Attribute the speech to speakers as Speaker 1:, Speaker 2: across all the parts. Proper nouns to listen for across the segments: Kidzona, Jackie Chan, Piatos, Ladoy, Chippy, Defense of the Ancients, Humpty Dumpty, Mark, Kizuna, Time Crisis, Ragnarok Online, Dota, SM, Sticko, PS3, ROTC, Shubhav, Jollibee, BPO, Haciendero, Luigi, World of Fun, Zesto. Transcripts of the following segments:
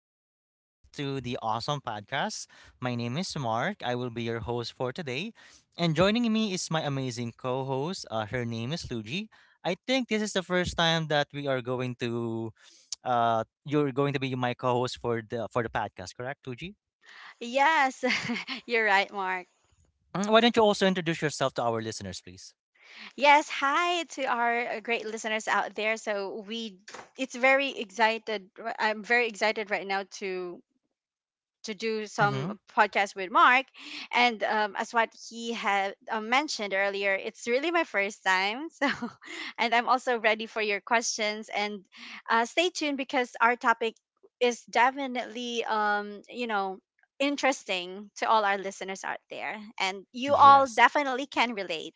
Speaker 1: tuning back to the awesome podcast. My name is Mark. I will be your host for today. And joining me is my amazing co host. Her name is Luigi. I think this is the first time that we are going to. You're going to be my co-host for the podcast, correct, Luigi?
Speaker 2: Yes, you're right, Mark.
Speaker 1: Mm, why don't you also introduce yourself to our listeners, please?
Speaker 2: Yes, hi to our great listeners out there. So we, it's very excited. R- I'm very excited right now to do
Speaker 1: Mm-hmm.
Speaker 2: some podcast with Mark. And as what he had mentioned earlier, it's really my first time. So, and I'm also ready for your questions. And stay tuned because our topic is definitely, interesting to all our listeners out there. And you all
Speaker 1: Yes.
Speaker 2: definitely can relate.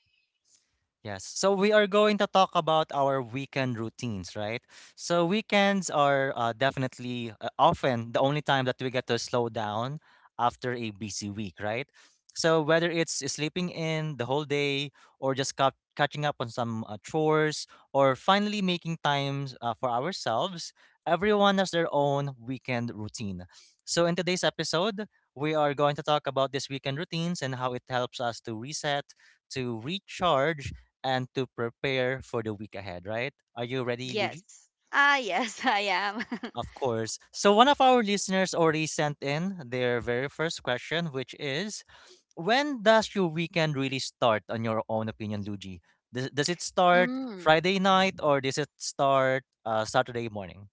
Speaker 1: Yes. So we are going to talk about our weekend routines, right? So weekends are definitely often the only time that we get to slow down after a busy week, right? So whether it's sleeping in the whole day or just catching up on some chores or finally making times for ourselves, everyone has their own weekend routine. So in today's episode, we are going to talk about these weekend routines and how it helps us to reset, to recharge and to prepare for the week ahead, right? Are you ready, Luigi?
Speaker 2: Yes. Ah, yes, I am.
Speaker 1: Of course. So, one of our listeners already sent in their very first question, which is, when does your weekend really start, on your own opinion, Luigi? Does it start
Speaker 2: Mm.
Speaker 1: Friday night or does it start Saturday morning?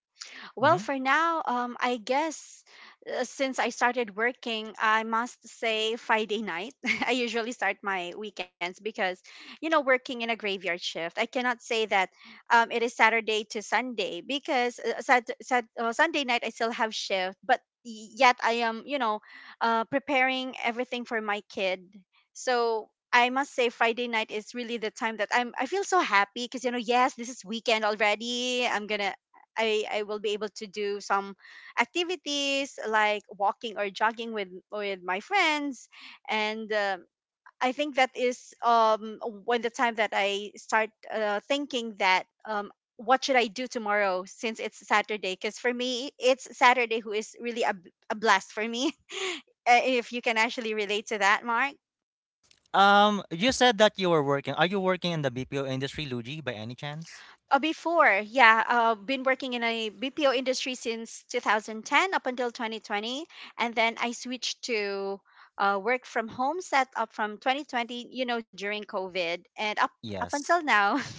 Speaker 2: Well,
Speaker 1: Hmm.
Speaker 2: for now, I guess since I started working, I must say Friday night. I usually start my weekends because, working in a graveyard shift, I cannot say that it is Saturday to Sunday because Sunday night I still have shift, but yet I am, preparing everything for my kid. So I must say Friday night is really the time that I feel so happy because, yes, this is weekend already. I will be able to do some activities like walking or jogging with my friends. And I think that is when the time that I start thinking that what should I do tomorrow, since it's Saturday, because for me it's Saturday who is really a blast for me. If you can actually relate to that, Mark.
Speaker 1: You said that you were working. Are you working in the BPO industry, Luigi, by any chance?
Speaker 2: Before, yeah, been working in a BPO industry since 2010 up until 2020, and then I switched to work from home setup from 2020, during COVID, and up
Speaker 1: Yes.
Speaker 2: until now.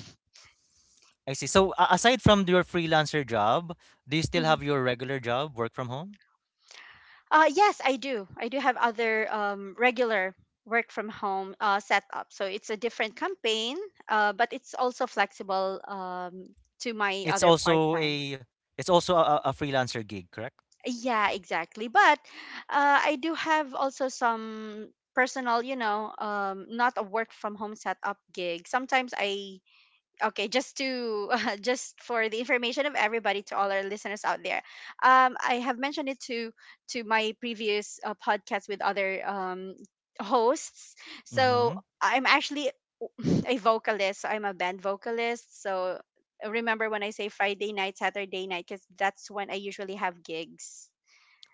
Speaker 1: I see. So, a aside from your freelancer job, do you still have
Speaker 2: Mhm.
Speaker 1: your regular job, work from home?
Speaker 2: Yes, I do. I do have other regular work from home setup. So it's a different campaign, but it's also flexible to my
Speaker 1: It's
Speaker 2: other part
Speaker 1: also
Speaker 2: time.
Speaker 1: a, it's also a freelancer gig, correct?
Speaker 2: Yeah, exactly. But I do have also some personal, not a work from home setup gig. Sometimes I, just for the information of everybody, to all our listeners out there, I have mentioned it to my previous podcast with other hosts.
Speaker 1: Mm-hmm.
Speaker 2: So I'm actually a vocalist. So I'm a band vocalist. So remember when I say Friday night, Saturday night, because that's when I usually have gigs.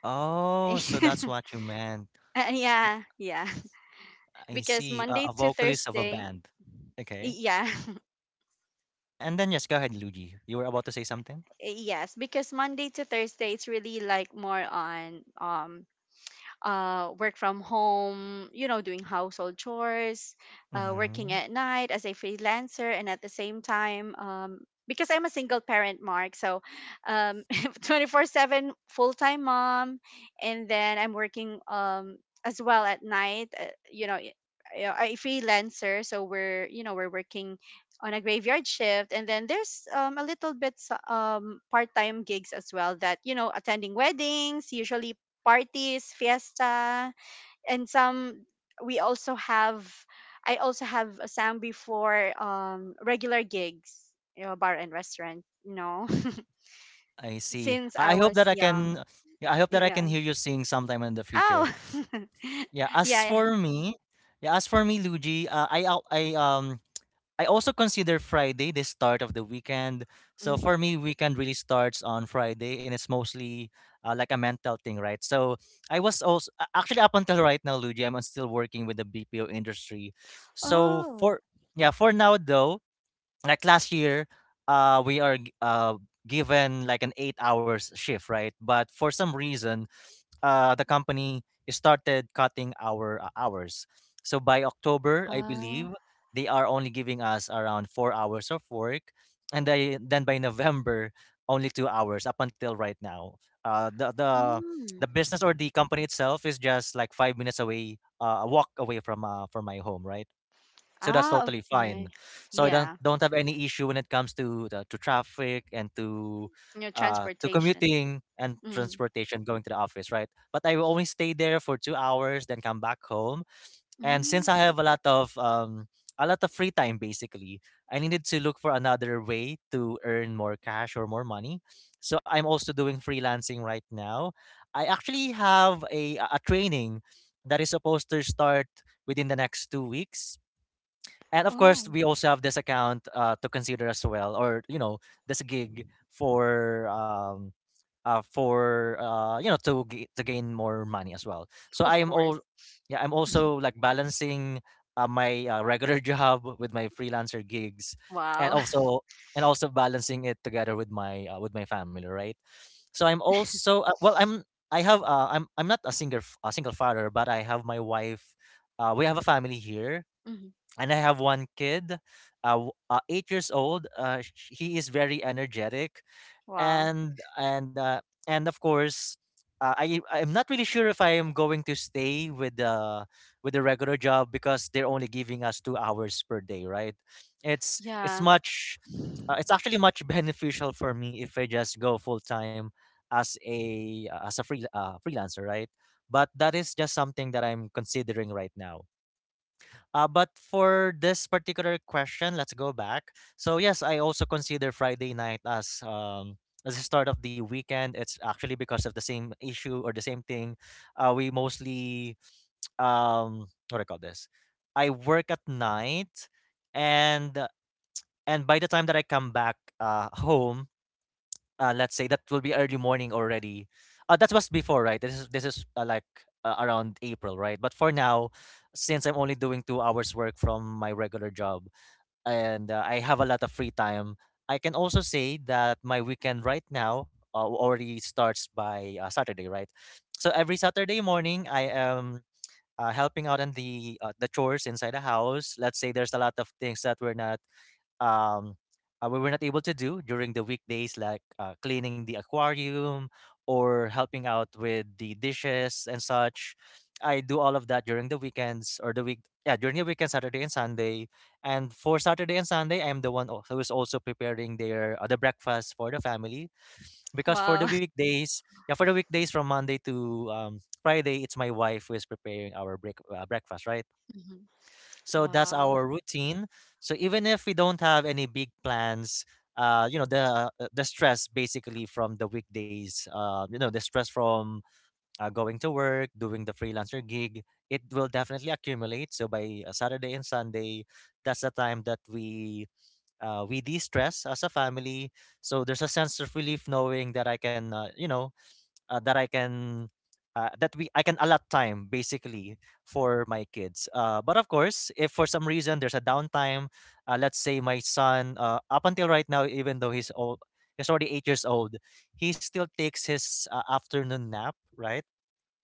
Speaker 1: Oh, so that's what you meant.
Speaker 2: Yeah, yeah.
Speaker 1: I
Speaker 2: Because
Speaker 1: see.
Speaker 2: Monday
Speaker 1: A
Speaker 2: to
Speaker 1: vocalist of a
Speaker 2: Thursday,
Speaker 1: band. Okay.
Speaker 2: yeah,
Speaker 1: And then yes, go ahead, Luigi. You were about to say something?
Speaker 2: yes. Because Monday to Thursday, it's really like more on work from home, doing household chores, working
Speaker 1: Mm-hmm.
Speaker 2: at night as a freelancer, and at the same time, because I'm a single parent, Mark, so, 24/7 full-time mom, and then I'm working, as well at night. You know, y- a freelancer, so we're you know we're working on a graveyard shift, and then there's, a little bit part-time gigs as well that, attending weddings, usually parties, fiesta, and some we also have I also have sang before, regular gigs, you know, bar and restaurant,
Speaker 1: I see.
Speaker 2: since I
Speaker 1: I hope
Speaker 2: was
Speaker 1: that I
Speaker 2: young.
Speaker 1: can Yeah, I hope that I
Speaker 2: Yeah.
Speaker 1: can hear you sing sometime in the future.
Speaker 2: Oh. Yeah.
Speaker 1: Yeah, as
Speaker 2: Yeah.
Speaker 1: for me, yeah, as for me, Luigi, I al- I also consider Friday the start of the weekend. So for
Speaker 2: Mhm.
Speaker 1: me, weekend really starts on Friday, and it's mostly like a mental thing, right? So I was also actually up until right now, Luigi, I'm still working with the BPO industry. So
Speaker 2: Oh.
Speaker 1: for Yeah, for now though, like last year, uh, we are g- uh given like an 8 hours shift, right? But for some reason, the company started cutting our hours. So by October, I
Speaker 2: Uh,
Speaker 1: believe they are only giving us around 4 hours of work, and then by November, only 2 hours up until right now. Uh, the the
Speaker 2: mm.
Speaker 1: the business or the company itself is just like 5 minutes away, a walk away from my home, right? So that's
Speaker 2: Ah,
Speaker 1: totally fine.
Speaker 2: okay.
Speaker 1: So I
Speaker 2: Yeah.
Speaker 1: don't have any issue when it comes to to traffic and
Speaker 2: You know,
Speaker 1: to
Speaker 2: transportation.
Speaker 1: commuting and
Speaker 2: Mm.
Speaker 1: transportation going to the office, right? But I will only stay there for 2 hours, then come back home. And
Speaker 2: Mm.
Speaker 1: since I have a lot of free time, basically, I needed to look for another way to earn more cash or more money. So I'm also doing freelancing right now. I actually have a training that is supposed to start within the next 2 weeks, and of course
Speaker 2: Oh,
Speaker 1: we also have this account to consider as well, or you know, this gig for you know, to to gain more money as well. So
Speaker 2: of
Speaker 1: I am
Speaker 2: course.
Speaker 1: all Yeah, I'm also like balancing my regular job with my freelancer gigs, and
Speaker 2: Wow.
Speaker 1: also balancing it together with my family, right? So I'm also I have I'm not a a single father, but I have my wife. We have a family here,
Speaker 2: Mhm.
Speaker 1: and I have one kid, 8 years old. He is very energetic,
Speaker 2: Wow.
Speaker 1: and and of course, I'm not really sure if I am going to stay with the regular job because they're only giving us 2 hours per day, right? It's it's
Speaker 2: Yeah.
Speaker 1: much, it's actually much beneficial for me if I just go full time as a freelancer, right? But that is just something that I'm considering right now. But for this particular question, let's go back. So yes, I also consider Friday night as the start of the weekend. It's actually because of the same issue or the same thing. We mostly what do I call this? I work at night, and by the time that I come back home, let's say that will be early morning already. That was before, right? This is Like around April, right? But for now, since I'm only doing 2 hours work from my regular job and I have a lot of free time, I can also say that my weekend right now already starts by Saturday, right? So every Saturday morning, I am. Helping out on the chores inside the house. Let's say there's a lot of things that um, we were not able to do during the weekdays, like cleaning the aquarium or helping out with the dishes and such. I do all of that during the weekends or yeah, during the weekend, Saturday and Sunday. And for Saturday and Sunday, I'm the one who is also preparing the breakfast for the family. Because
Speaker 2: Wow.
Speaker 1: for the weekdays, from Monday to Friday, it's my wife who is preparing our breakfast, right?
Speaker 2: Mhm.
Speaker 1: So that's
Speaker 2: Wow.
Speaker 1: our routine. So even if we don't have any big plans, you know, the stress basically from the weekdays, you know, the stress from going to work, doing the freelancer gig, it will definitely accumulate. So by Saturday and Sunday, that's the time that we de-stress as a family. So there's a sense of relief knowing that I can, you know, that I can that we I can allot time basically for my kids. But of course, if for some reason there's a downtime, let's say my son, up until right now, even though he's old, he's already 8 years old, he still takes his afternoon nap, right?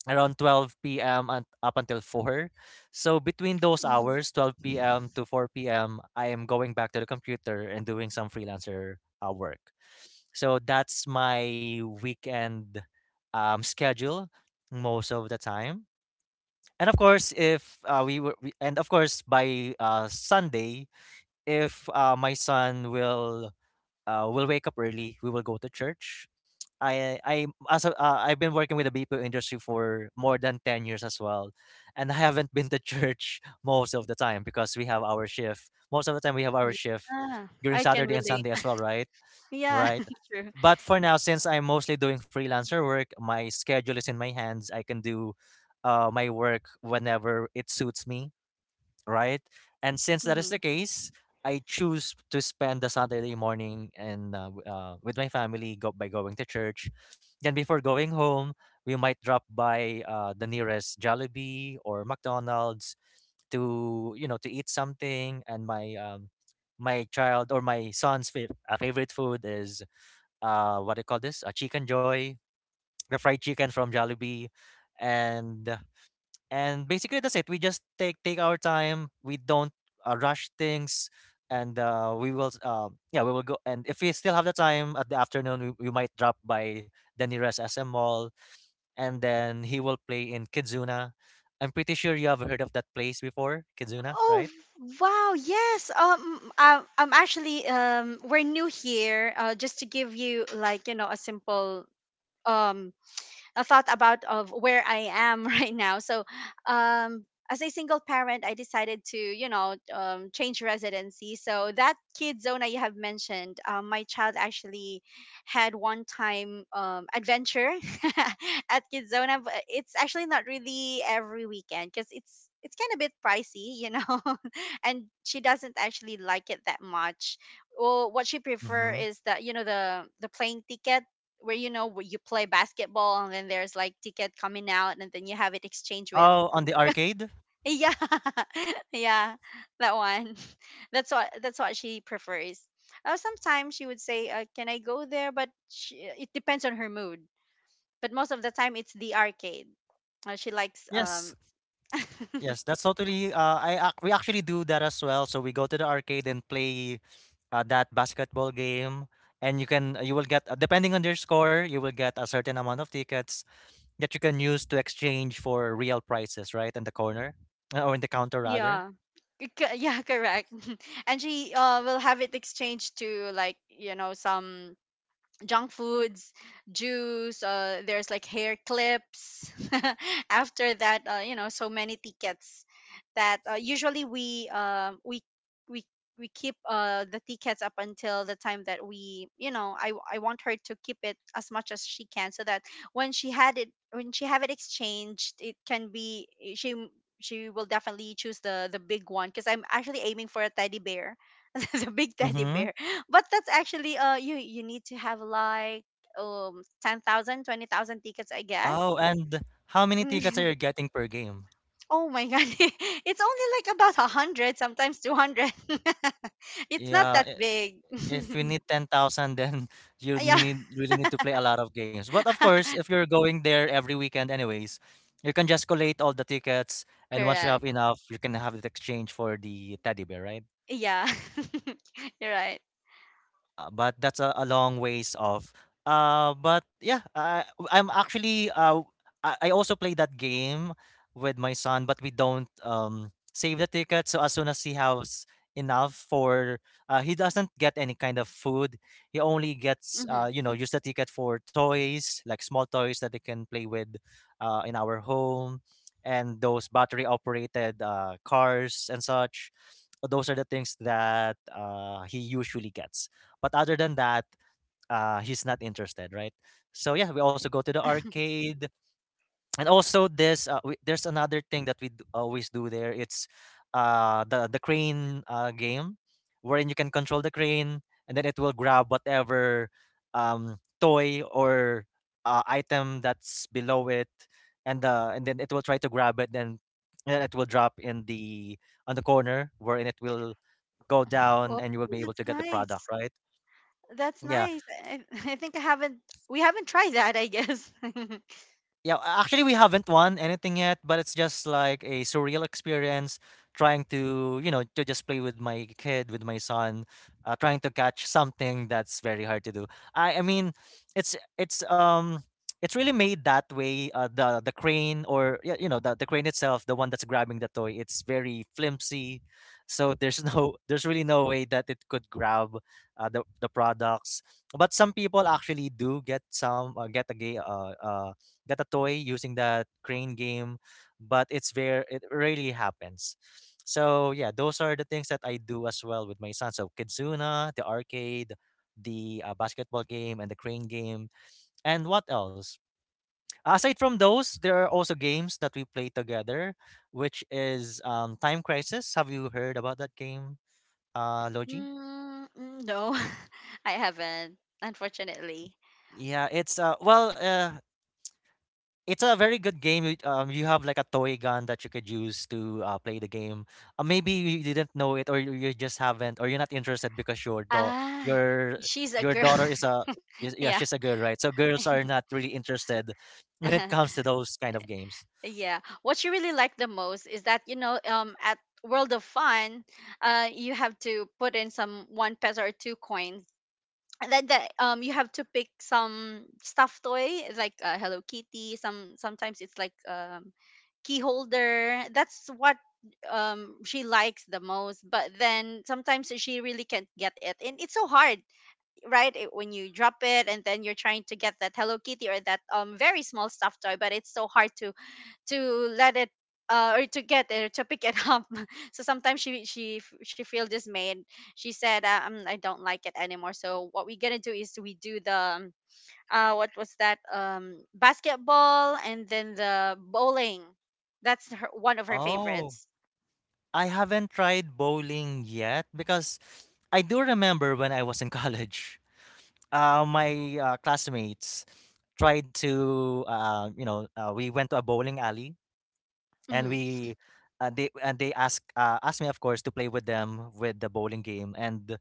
Speaker 1: Around 12 p.m. and up until 4. So between those
Speaker 2: Mhm.
Speaker 1: hours, 12 p.m. to 4 p.m., I am going back to the computer and doing some freelancer work. So that's my weekend schedule most of the time. And of course, if we were, we, and of course by Sunday, if my son will we'll wake up early. We will go to church. I've been working with the BPO industry for more than 10 years as well, and I haven't been to church most of the time because we have our shift. Most of the time we have our shift
Speaker 2: Yeah,
Speaker 1: during
Speaker 2: I can
Speaker 1: Saturday and
Speaker 2: relate.
Speaker 1: Sunday as well, right?
Speaker 2: Yeah,
Speaker 1: Right.
Speaker 2: true.
Speaker 1: But for now, since I'm mostly doing freelancer work, my schedule is in my hands. I can do my work whenever it suits me, right? And since that
Speaker 2: Hmm.
Speaker 1: is the case, I choose to spend the Saturday morning and with my family by going to church. Then before going home, we might drop by the nearest Jollibee or McDonald's to, you know, to eat something. And my my child or my son's favorite food is what do you call this? A chicken joy, the fried chicken from Jollibee, and basically, that's it. We just take our time. We don't rush things, and we will. Yeah, we will go. And if we still have the time at the afternoon, we might drop by the nearest SM mall, and then he will play in Kizuna. I'm pretty sure you have heard of that place before, Kizuna,
Speaker 2: Oh,
Speaker 1: right?
Speaker 2: wow. Yes. I'm actually, we're new here. Just to give you, like, you know, a simple, um a thought about of where I am right now. So, um, as a single parent, I decided to, change residency. So that kid zone I have mentioned, my child actually had one time, adventure at Kidzona, but it's actually not really every weekend because it's kind of bit pricey, you know, and she doesn't actually like it that much. Well, what she prefer
Speaker 1: Mm-hmm.
Speaker 2: is that, the plane ticket, where, where you play basketball and then there's like ticket coming out, and then you have it exchanged with...
Speaker 1: Oh, on the arcade.
Speaker 2: Yeah. Yeah, that one. That's what she prefers. Sometimes she would say, can I go there, but it depends on her mood. But most of the time it's the arcade. She likes, um...
Speaker 1: Yes. Yes, that's totally. We actually do that as well. So we go to the arcade and play that basketball game, and you will get depending on your score, you will get a certain amount of tickets that you can use to exchange for real prices, right? In the corner or in the counter rather.
Speaker 2: Yeah. Yeah, correct. And she, will have it exchanged to, like, you know, some junk foods, juice, there's like hair clips. After that, so many tickets that, usually we we keep, the tickets up until the time that, we you know I want her to keep it as much as she can, so that when she have it exchanged, it can be, she will definitely choose the big one, because I'm actually aiming for a teddy bear. The big teddy
Speaker 1: Mm-hmm.
Speaker 2: bear. But that's actually, you need to have like, um, ten thousand, 20,000 tickets, I
Speaker 1: Oh,
Speaker 2: guess.
Speaker 1: and how many tickets
Speaker 2: Mm.
Speaker 1: are you getting per game?
Speaker 2: Oh my god. It's only like about 100, sometimes 200. It's not
Speaker 1: Yeah,
Speaker 2: that big.
Speaker 1: if you need 10,000, then you
Speaker 2: Yeah.
Speaker 1: need really need to play a lot of games. But of course, if you're going there every weekend anyways, you can just collate all the tickets, and once you have
Speaker 2: Correct.
Speaker 1: enough, you can have it exchange for the teddy bear, right?
Speaker 2: Yeah. You're right.
Speaker 1: But that's a long ways off. Uh, but yeah, I, I'm actually I also play that game with my son, but we don't save the ticket. So as soon as he has enough he doesn't get any kind of food. He only gets
Speaker 2: Hmm.
Speaker 1: use the ticket for toys like small toys that they can play with, in our home, and those battery operated cars and such those are the things that he usually gets. But other than that, he's not interested, right? So yeah, we also go to the arcade, and also this there's another thing that always do there. It's the crane game, wherein you can control the crane, and then it will grab whatever toy or item that's below it, and then it will try to grab it, then and then it will drop in the on the corner, wherein it will go
Speaker 2: Oh,
Speaker 1: down, and you will be able
Speaker 2: that's
Speaker 1: to get the product,
Speaker 2: nice.
Speaker 1: right?
Speaker 2: That's
Speaker 1: Yeah.
Speaker 2: nice. I, I think I haven't we haven't tried that, I guess.
Speaker 1: Actually, we haven't won anything yet, but it's just like a surreal experience trying to, you know, to just play with my kid, with my son, trying to catch something that's very hard to do. I mean, it's it's um it's really made that way. The crane or yeah, you know, the crane itself, the one that's grabbing the toy, it's very flimsy. So there's no there's really no way that it could grab the products. But some people actually do get some get a gay got a toy using that crane game, but it's very It rarely happens. So yeah, those are the things that I do as well with my son. So Kitsuna, the arcade, the basketball game, and the crane game. And what else? Aside from those, there are also games that we play together, which is Time Crisis. Have you heard about that game, Logi?
Speaker 2: Mm, mm, no, I haven't, unfortunately.
Speaker 1: Yeah, it's a very good game. You have like a toy gun that you could use to play the game. Maybe you didn't know it, or you just haven't, or you're not interested because your do-
Speaker 2: Ah,
Speaker 1: your
Speaker 2: she's a
Speaker 1: your
Speaker 2: girl.
Speaker 1: daughter is yeah, she's a
Speaker 2: Yeah.
Speaker 1: girl, right? So girls are not really interested when it comes to those kind of games.
Speaker 2: Yeah. What you really like the most is that, you know, at World of Fun, you have to put in some one peso or two coins, and then you have to pick some stuffed toy, like Hello Kitty. Sometimes it's like, um, key holder. That's what, she likes the most. But then sometimes she really can't get it, and it's so hard, right? When you drop it, and then you're trying to get that Hello Kitty or that, um, very small stuffed toy, but it's so hard to let it, or to get it, or to pick it up. So sometimes she feel dismayed. She said, "Ah, I don't like it anymore, so what we gonna do is we do the, um, what was that, basketball, and then the bowling, that's her, one of her
Speaker 1: Oh,
Speaker 2: favorites."
Speaker 1: I haven't tried bowling yet because I do remember when I was in college. My classmates tried to, you know, we went to a bowling alley and
Speaker 2: Hmm.
Speaker 1: we they and they ask asked me of course to play with them with the bowling game and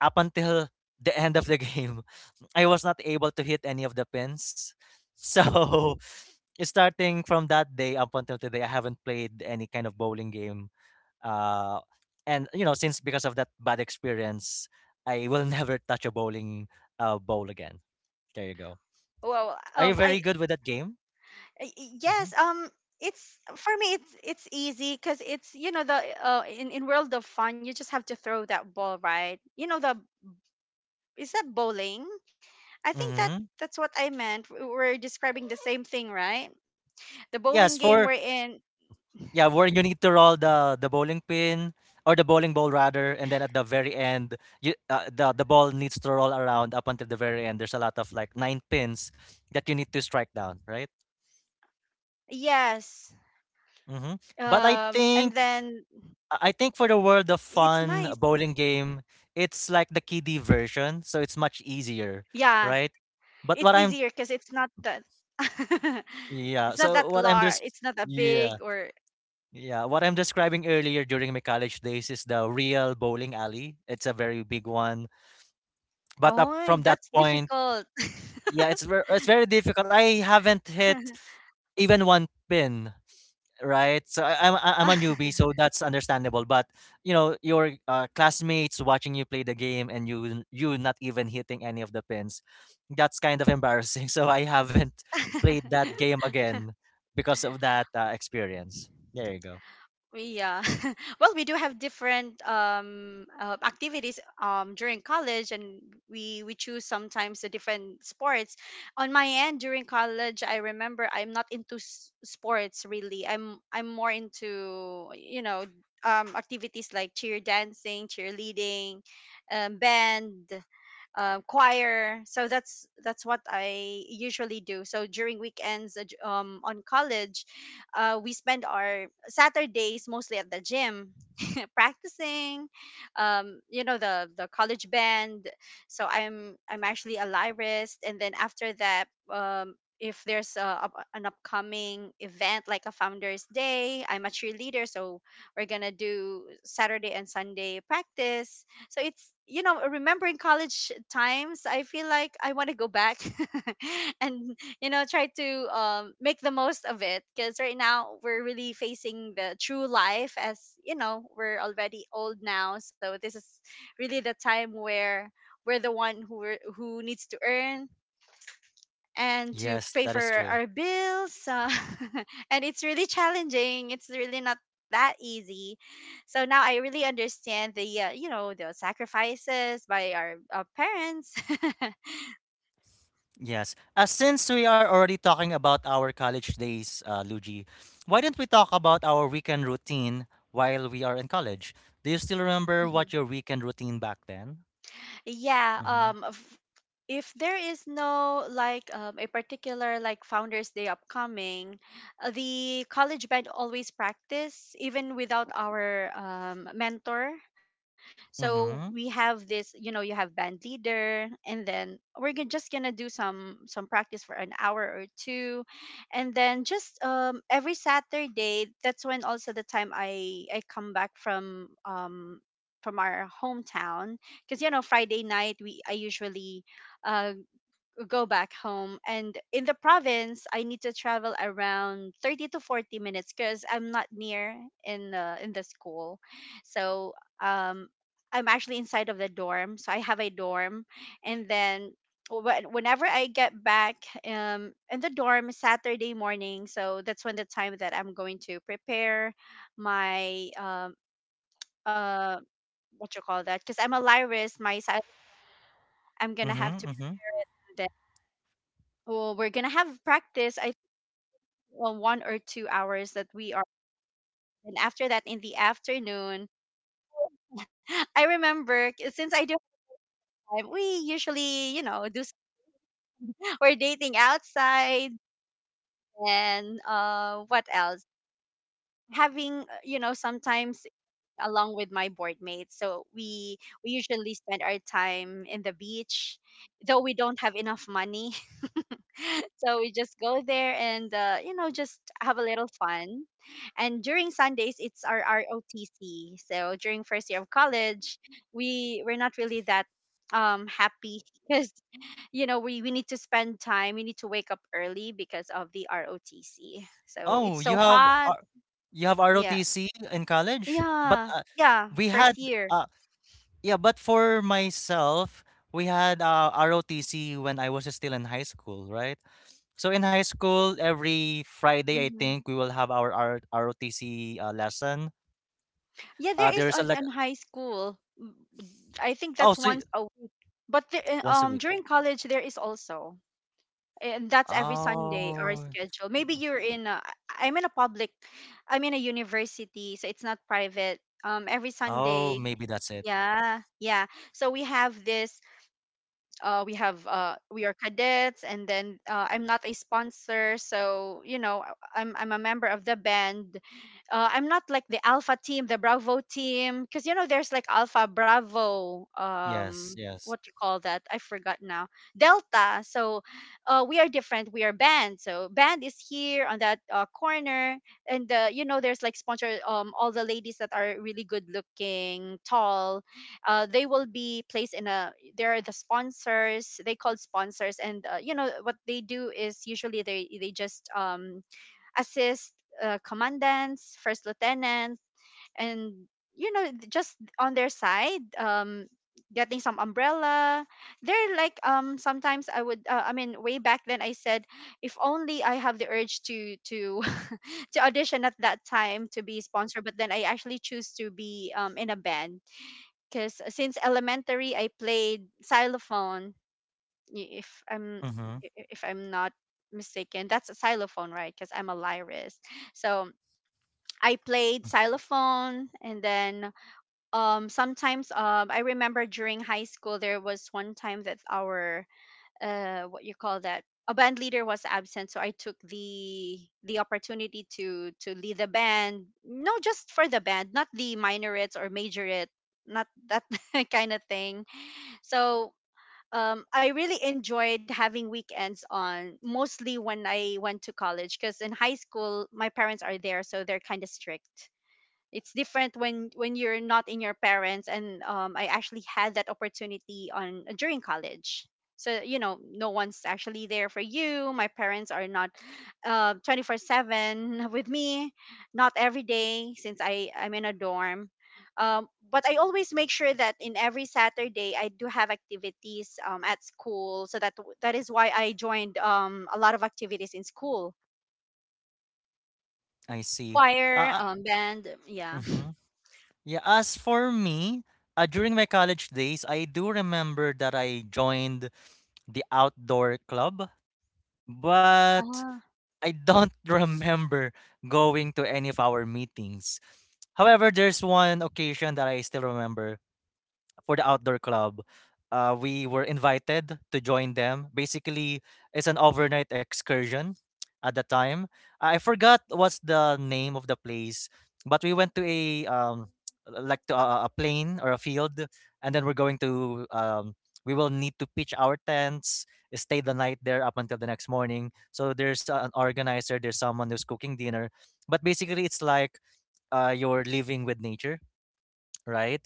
Speaker 1: up until the end of the game I was not able to hit any of the pins so starting from that day up until today I haven't played any kind of bowling game uh and you know since because of that bad experience I will never touch a bowling bowl again. There you go.
Speaker 2: Well,
Speaker 1: Are you very good with that game?
Speaker 2: I-
Speaker 1: Mm-hmm.
Speaker 2: yes, um, it's for me, it's easy, because it's, you know, the, in world of fun, you just have to throw that ball, right? You know, the... is that bowling? I think that
Speaker 1: Mm-hmm.
Speaker 2: that's what I meant. We're describing the same thing, right? The bowling
Speaker 1: yes
Speaker 2: game we're
Speaker 1: for
Speaker 2: in.
Speaker 1: Yeah, where you need to roll the bowling pin or the bowling ball rather, and then at the very end, you the ball needs to roll around up until the very end. There's a lot of like nine pins that you need to strike down, right?
Speaker 2: Yes.
Speaker 1: Mm-hmm. But
Speaker 2: And then
Speaker 1: I think for the world of
Speaker 2: it's
Speaker 1: fun a
Speaker 2: nice.
Speaker 1: bowling game, it's like the kiddie version, so it's much easier,
Speaker 2: Yeah,
Speaker 1: right? But what
Speaker 2: it's
Speaker 1: I'm
Speaker 2: easier because it's not that.
Speaker 1: yeah,
Speaker 2: It's
Speaker 1: so
Speaker 2: not
Speaker 1: what
Speaker 2: that
Speaker 1: I'm just
Speaker 2: large. It's not that
Speaker 1: Yeah.
Speaker 2: big, or...
Speaker 1: Yeah, what I'm describing earlier during my college days is the real bowling alley. It's a very big one. But up from
Speaker 2: Oh,
Speaker 1: that
Speaker 2: that's
Speaker 1: point,
Speaker 2: difficult.
Speaker 1: yeah, it's very difficult. I haven't hit even one pin, right? So I'm a newbie, so that's understandable. But you know, your classmates watching you play the game and you not even hitting any of the pins, that's kind of embarrassing. So I haven't played that game again because of that experience. There you go.
Speaker 2: Yeah. Well, we do have different, activities, during college, and we choose sometimes the different sports. On my end, during college, I remember I'm not into sports, really. I'm more into, activities like cheer dancing, cheerleading, band, choir. So that's what I usually do. So during weekends, on college, we spend our Saturdays mostly at the gym, practicing. You know, the college band. So I'm actually a lyrist, and then after that... if there's an upcoming event like a Founders Day, I'm a cheerleader, so we're gonna do Saturday and Sunday practice. So it's, you know, remembering college times, I feel like I want to go back and, you know, try to, make the most of it. Because right now we're really facing the true life, as, you know, we're already old now. So this is really the time where we're the one who, who needs to earn and to
Speaker 1: Yes,
Speaker 2: pay
Speaker 1: that
Speaker 2: for
Speaker 1: is true.
Speaker 2: our bills. And it's really challenging. It's really not that easy. So now I really understand the, the sacrifices by our parents.
Speaker 1: Yes. Since we are already talking about our college days, Luigi, why don't we talk about our weekend routine while we are in college? Do you still remember what your weekend routine back then?
Speaker 2: Yeah,
Speaker 1: Mm-hmm.
Speaker 2: if there is no like, a particular like Founders Day upcoming, the college band always practice even without our, mentor. So we
Speaker 1: Mm-hmm.
Speaker 2: have this, you know, you have band leader, and then just gonna do some practice for an hour or two, and then just, every Saturday. That's when also the time I come back from our hometown. Because Friday night we I usually, uh, go back home. And in the province I need to travel around 30 to 40 minutes because I'm not near in the school. So um I'm actually inside of the dorm, so I have a dorm. And then whenever I get back in the dorm is Saturday morning, so that's when the time that I'm going to prepare my uh what you call that, because I'm a lyris, I'm gonna have to
Speaker 1: Mm-hmm. Mm-hmm.
Speaker 2: prepare it. And then, well, we're gonna have practice. I think, well, 1 or 2 hours that we are. And after that, in the afternoon, I remember, since I do have time, we usually, you know, we're dating outside. And what else? Having, you know, sometimes along with my board mates. So we usually spend our time in the beach, though we don't have enough money. So we just go there and, you know, just have a little fun. And during Sundays, it's our ROTC. So during first year of college, we're not really that happy because you know we need to spend time. We need to wake up early because of the ROTC. So
Speaker 1: Oh,
Speaker 2: it's
Speaker 1: you
Speaker 2: so
Speaker 1: have
Speaker 2: hot.
Speaker 1: R- you have
Speaker 2: Yeah,
Speaker 1: ROTC in college, but
Speaker 2: yeah, yeah.
Speaker 1: we had
Speaker 2: First year.
Speaker 1: uh, yeah, but for myself, we had ROTC when I was still in high school, right? So in high school, every Friday, I
Speaker 2: Hmm.
Speaker 1: think we will have our ROTC lesson.
Speaker 2: Yeah,
Speaker 1: Uh,
Speaker 2: there is
Speaker 1: there's a
Speaker 2: on
Speaker 1: like,
Speaker 2: on high school. Mm, I think
Speaker 1: oh,
Speaker 2: that's once a week. But the,
Speaker 1: once a week.
Speaker 2: during college there is also. And that's every Sunday our
Speaker 1: Oh,
Speaker 2: schedule. Maybe you're in a, I'm in a public, I'm in a university, so it's not private. Every
Speaker 1: oh,
Speaker 2: Sunday,
Speaker 1: maybe that's it.
Speaker 2: yeah, yeah. So we have this we have we are cadets, and then I'm not a sponsor. So you know, I'm a member of the band. I'm not like the alpha team, the bravo team, because you know there's like alpha, bravo,
Speaker 1: Yes, yes.
Speaker 2: what you call that, I forgot now, delta. So we are different. We are band, so band is here on that corner. And you know, there's like sponsor, all the ladies that are really good looking, tall, they will be placed in a, they're the sponsors, they called sponsors. And you know what they do is usually they just assist, commandants, first lieutenants. And you know, just on their side, getting some umbrella. They're like sometimes I would, I mean, way back then I said, if only I have the urge to to audition at that time to be sponsored. But then I actually choose to be in a band. Because since elementary I played xylophone. If I'm,
Speaker 1: Mm-hmm.
Speaker 2: if I'm not mistaken, that's a xylophone, right? Because I'm a lyrist. So I played xylophone, and then sometimes, I remember during high school there was one time that our, what you call that, a band leader was absent, so I took the opportunity to lead the band. No, just for the band, not the minorates or majorates, not that kind of thing. So I really enjoyed having weekends on, mostly when I went to college, because in high school, my parents are there, so they're kind of strict. It's different when you're not in your parents. And I actually had that opportunity on during college. So you know no one's actually there for you. My parents are not, 24/7 with me, not every day, since I'm in a dorm. But I always make sure that in every Saturday I do have activities at school, so that that is why I joined a lot of activities in school.
Speaker 1: I see.
Speaker 2: Choir,
Speaker 1: Uh,
Speaker 2: band, yeah.
Speaker 1: mm-hmm. Yeah, as for me, during my college days, I do remember that I joined the outdoor club but I don't remember going to any of our meetings. However, there's one occasion that I still remember for the outdoor club. We were invited to join them. Basically, it's an overnight excursion at the time. I forgot what's the name of the place, but we went to a like to a plain or a field, and then we will need to pitch our tents, stay the night there up until the next morning. So there's an organizer, there's someone who's cooking dinner, but basically it's like you're living with nature, right?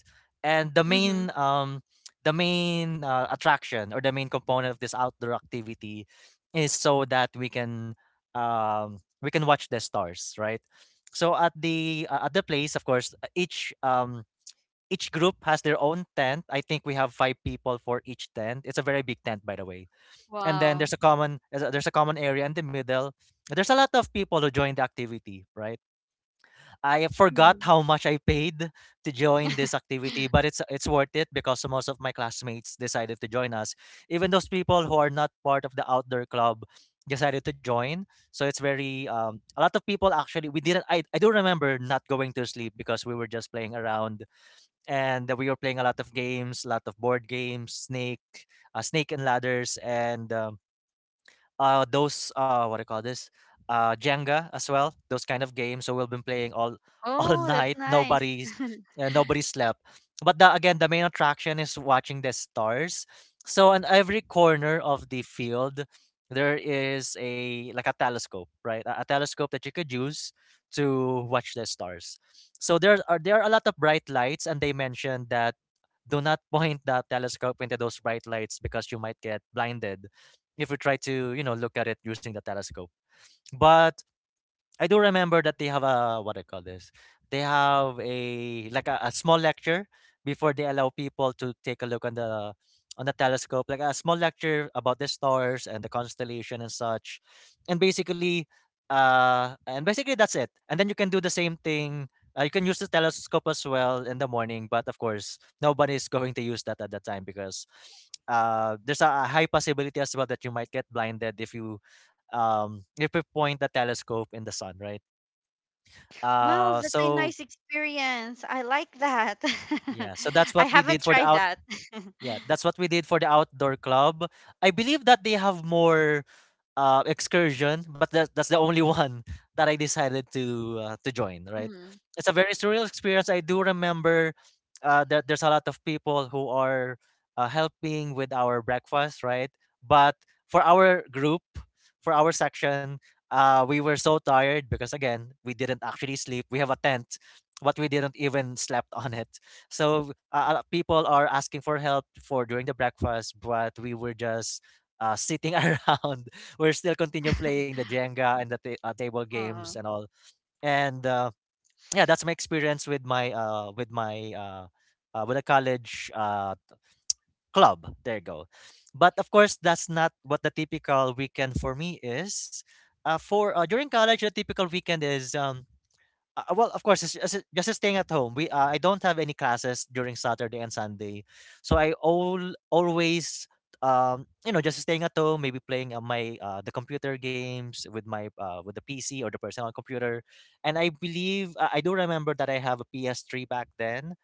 Speaker 2: uh,
Speaker 1: And the main attraction or the main component of this outdoor activity is so that we can watch the stars, right? So at the place, of course, each group has their own tent. I think we have five people for each tent. It's a very big tent, by the way. And then
Speaker 2: Wow.
Speaker 1: there's a common area in the middle. There's a lot of people who join the activity, right? I
Speaker 2: Mhm.
Speaker 1: forgot how much I paid to join this activity, but it's worth it because most of my classmates decided to join us. Even those people who are not part of the outdoor club decided to join. So it's very a lot of people actually we didn't I do remember not going to sleep because we were just playing around and we were playing a lot of games, a lot of board games, snake and ladders and those what I call this Jenga as well, those kind of games, so we've been playing all
Speaker 2: Oh, that's
Speaker 1: all
Speaker 2: nice.
Speaker 1: night, nobody slept, but again the main attraction is watching the stars, so on every corner of the field there is a like a telescope, right, a telescope that you could use to watch the stars. So there are a lot of bright lights and they mentioned that do not point the telescope into those bright lights because you might get blinded if we try to, you know, look at it using the telescope. But I do remember that they have a what I call this? They have a like a small lecture before they allow people to take a look on the telescope, like a small lecture about the stars and the constellation and such. And basically, that's it. And then you can do the same thing. You can use the telescope as well in the morning, but of course, nobody's going to use that at that time because a high possibility as well that you might get blinded if you if we point the telescope in the sun, right?
Speaker 2: Well,
Speaker 1: Uh,
Speaker 2: that's a nice
Speaker 1: so
Speaker 2: experience. I like that.
Speaker 1: yeah, so that's
Speaker 2: I
Speaker 1: what we
Speaker 2: haven't
Speaker 1: did for
Speaker 2: tried
Speaker 1: the out.
Speaker 2: that.
Speaker 1: Yeah, that's what we did for the outdoor club. I believe that they have more excursion, but that's the only one that I decided to join. Right,
Speaker 2: Mhm.
Speaker 1: it's a very surreal experience. I do remember that there's a lot of people who are helping with our breakfast, right? But for our group, for our section, we were so tired because again, we didn't actually sleep. We have a tent, but we didn't even slept on it. So people are asking for help for during the breakfast, but we were just sitting around, we're still continue playing the Jenga and table games
Speaker 2: Oh,
Speaker 1: and all. And yeah, that's my experience with my with my with a college club. There you go. But of course, that's not what the typical weekend for me is. For during college, the typical weekend is well, of course, it's just staying at home. We I don't have any classes during Saturday and Sunday, so I all always just staying at home, maybe playing on my the computer games with my with the PC or the personal computer, and I do remember that I have a PS3 back then,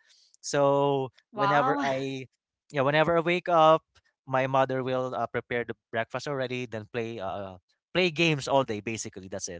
Speaker 1: so whenever
Speaker 2: wow.
Speaker 1: I yeah, whenever I wake up, my mother will prepare the breakfast already, then play games all day. Basically, that's it.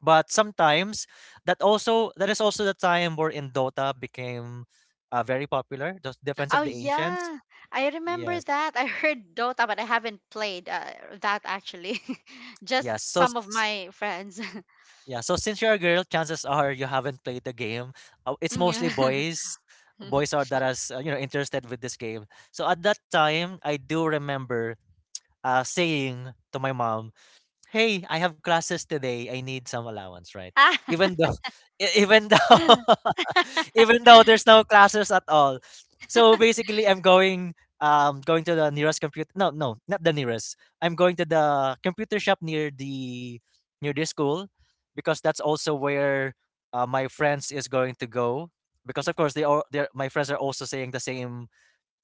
Speaker 1: But sometimes that is also the time where in Dota became very popular, the Defense
Speaker 2: Oh,
Speaker 1: of the Ancients.
Speaker 2: yeah. I remember
Speaker 1: Yes.
Speaker 2: that. I heard Dota, but I haven't played, that actually. Just
Speaker 1: Yes.
Speaker 2: some of my friends.
Speaker 1: Yeah, so since you're a girl, chances are you haven't played the game. It's
Speaker 2: Yeah.
Speaker 1: mostly boys. Boys are that as interested with this game. So at that time, I do remember saying to my mom, hey, I have classes today. I need some allowance, right?
Speaker 2: Ah.
Speaker 1: Even though, even though, even though there's no classes at all. So basically, I'm going to the nearest computer. No, no, not the nearest. I'm going to the computer shop near the school because that's also where my friends is going to go. Because of course, they my friends are also saying the same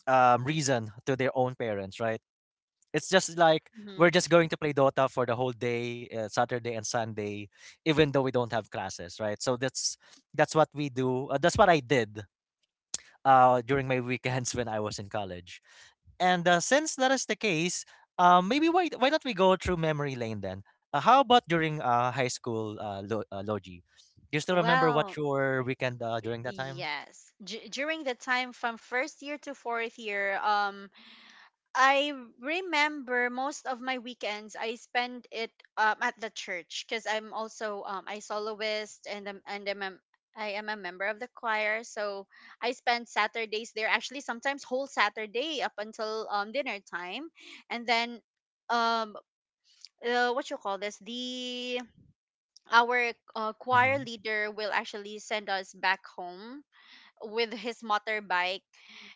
Speaker 1: reason to their own parents, right? It's just like we're
Speaker 2: Mhm.
Speaker 1: just going to play Dota for the whole day, Saturday and Sunday, even though we don't have classes, right? So that's what we do. That's what I did during my weekends when I was in college. And since that is the case, maybe why not we go through memory lane then? How about during high school logi? Do you still remember what
Speaker 2: Well,
Speaker 1: your weekend during that time?
Speaker 2: Yes. During the time from first year to fourth year, I remember most of my weekends I spend it at the church, because I'm also I soloist, and I am a member of the choir. So I spend Saturdays there. Actually, sometimes whole Saturday up until dinner time, and then um what you call this, the our
Speaker 1: Mm-hmm.
Speaker 2: choir leader will actually send us back home with his motorbike.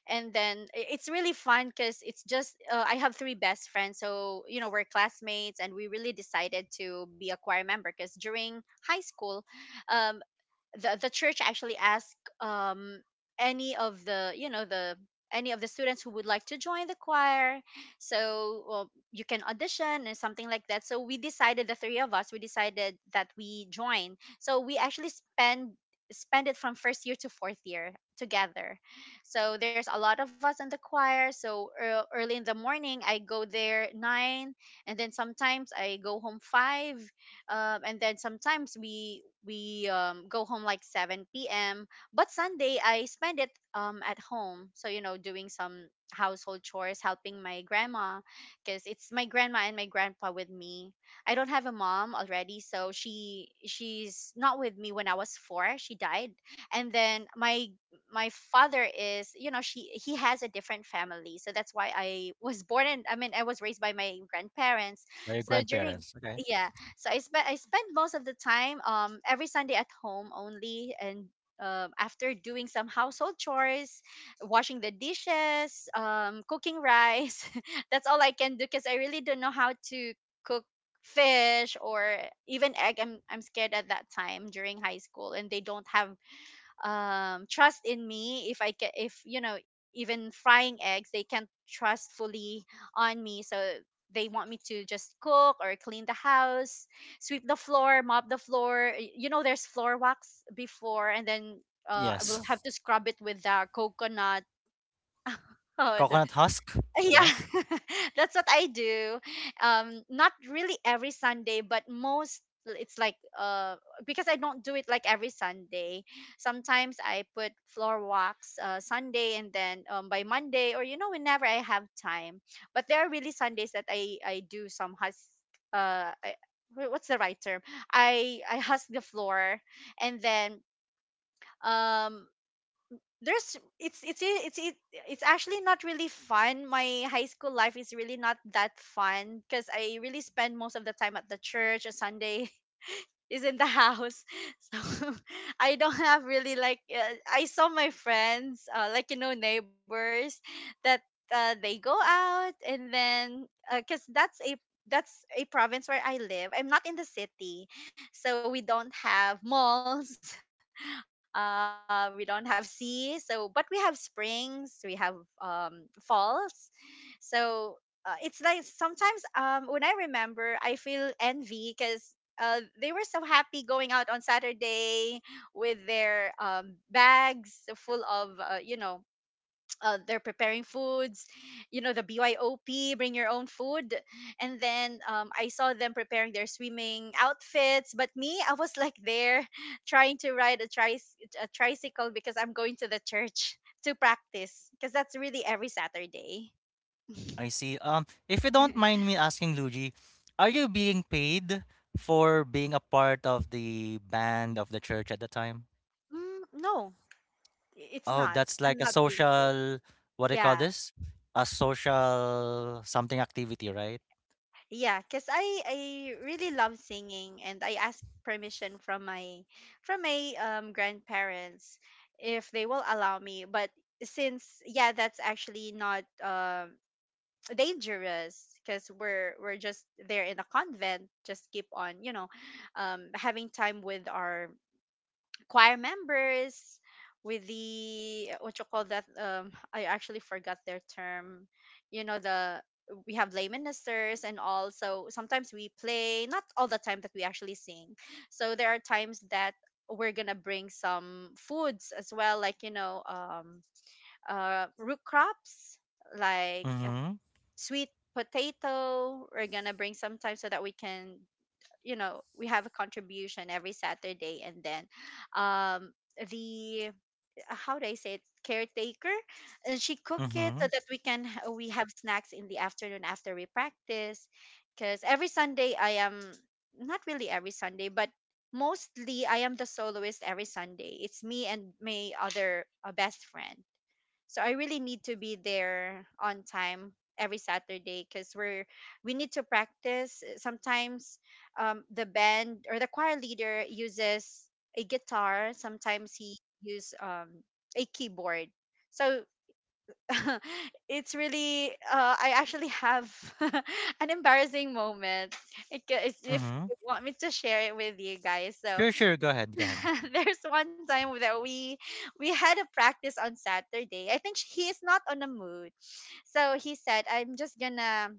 Speaker 2: And then it's really fun because it's just I have three best friends. So you know, we're classmates, and we really decided to be a choir member. Because during high school, um, the church actually asked any of the, you know, the any of the students who would like to join the choir. So, well, you can audition and something like that. So we decided, the three of us we decided that we join. So we actually spend it from first year to fourth year together. So there's a lot of us in the choir, so early in the morning I go there 9, and then sometimes I go home 5. And then sometimes we go home like 7 p.m. But Sunday I spend it at home. So you know, doing some household chores, helping my grandma. Because it's my grandma and my grandpa with me. I don't have a mom already, so she's not with me. When I was 4 she died. And then my father is, you know, she he has a different family. So that's why I was born, and I mean, I was raised by my grandparents.
Speaker 1: By your
Speaker 2: So during,
Speaker 1: grandparents. Okay.
Speaker 2: yeah, so I spent most of the time every Sunday at home only. And after doing some household chores, washing the dishes, cooking rice, that's all I can do, because I really don't know how to cook fish or even egg. I'm scared at that time during high school, and they don't have trust in me, if I can, if you know, even frying eggs, they can't trust fully on me. So they want me to just cook or clean the house, sweep the floor, mop the floor. You know there's floor wax before, and then I will have
Speaker 1: Yes.
Speaker 2: to scrub it with the coconut.
Speaker 1: Coconut husk.
Speaker 2: Yeah,
Speaker 1: Yes.
Speaker 2: that's what I do. Not really every Sunday but most. It's like because I don't do it like every Sunday. Sometimes I put floor walks Sunday, and then by Monday or you know whenever I have time. But there are really Sundays that I do some hus I, what's the right term, I husk the floor. And then um there's, it, it's actually not really fun. My high school life is really not that fun because I really spend most of the time at the church on Sunday, is in the house. So I don't have really like, I saw my friends like you know, neighbors that they go out. And then because that's a province where I live, I'm not in the city. So we don't have malls. We don't have sea. So, but we have springs, we have falls. So it's like sometimes when I remember I feel envy, because they were so happy going out on Saturday with their bags full of, you know, they're preparing foods, you know, the BYOP, bring your own food. And then I saw them preparing their swimming outfits. But me, I was like there trying to ride a, a tricycle, because I'm going to the church to practice, because that's really every Saturday.
Speaker 1: I see. If you don't mind me asking, Luigi, are you being paid for being a part of the band of the church at the time?
Speaker 2: Mm, no, it's
Speaker 1: Oh,
Speaker 2: not.
Speaker 1: that's like
Speaker 2: I'm
Speaker 1: a
Speaker 2: not being paid.
Speaker 1: social, what do you call
Speaker 2: Yeah.
Speaker 1: this? A social something activity, right?
Speaker 2: Yeah, cause I really love singing, and I ask permission from my grandparents if they will allow me. But since, yeah, that's actually not dangerous. Cause we're just there in a convent, just keep on you know, having time with our choir members, with the, what you call that, I actually forgot their term. You know the, we have lay ministers and all. So sometimes we play, not all the time that we actually sing. So there are times that we're gonna bring some foods as well, like you know, root crops, like
Speaker 1: Mm-hmm.
Speaker 2: sweet potato we're gonna bring sometime, so that we can, you know, we have a contribution every Saturday. And then um the, how do I say it, caretaker, and she cook it,
Speaker 1: Mm-hmm.
Speaker 2: so that we can, we have snacks in the afternoon after we practice. Because every Sunday I am, not really every Sunday, but mostly I am the soloist every Sunday. It's me and my other best friend. So I really need to be there on time every Saturday because we need to practice. Sometimes the band or the choir leader uses a guitar. Sometimes he use a keyboard. So it's really I actually have an embarrassing moment. If
Speaker 1: Mm-hmm.
Speaker 2: you want me to share it with you guys, so
Speaker 1: Sure, sure. Go ahead. Go ahead.
Speaker 2: there's one time that we had a practice on Saturday. I think he is not on a mood. So he said, "I'm just gonna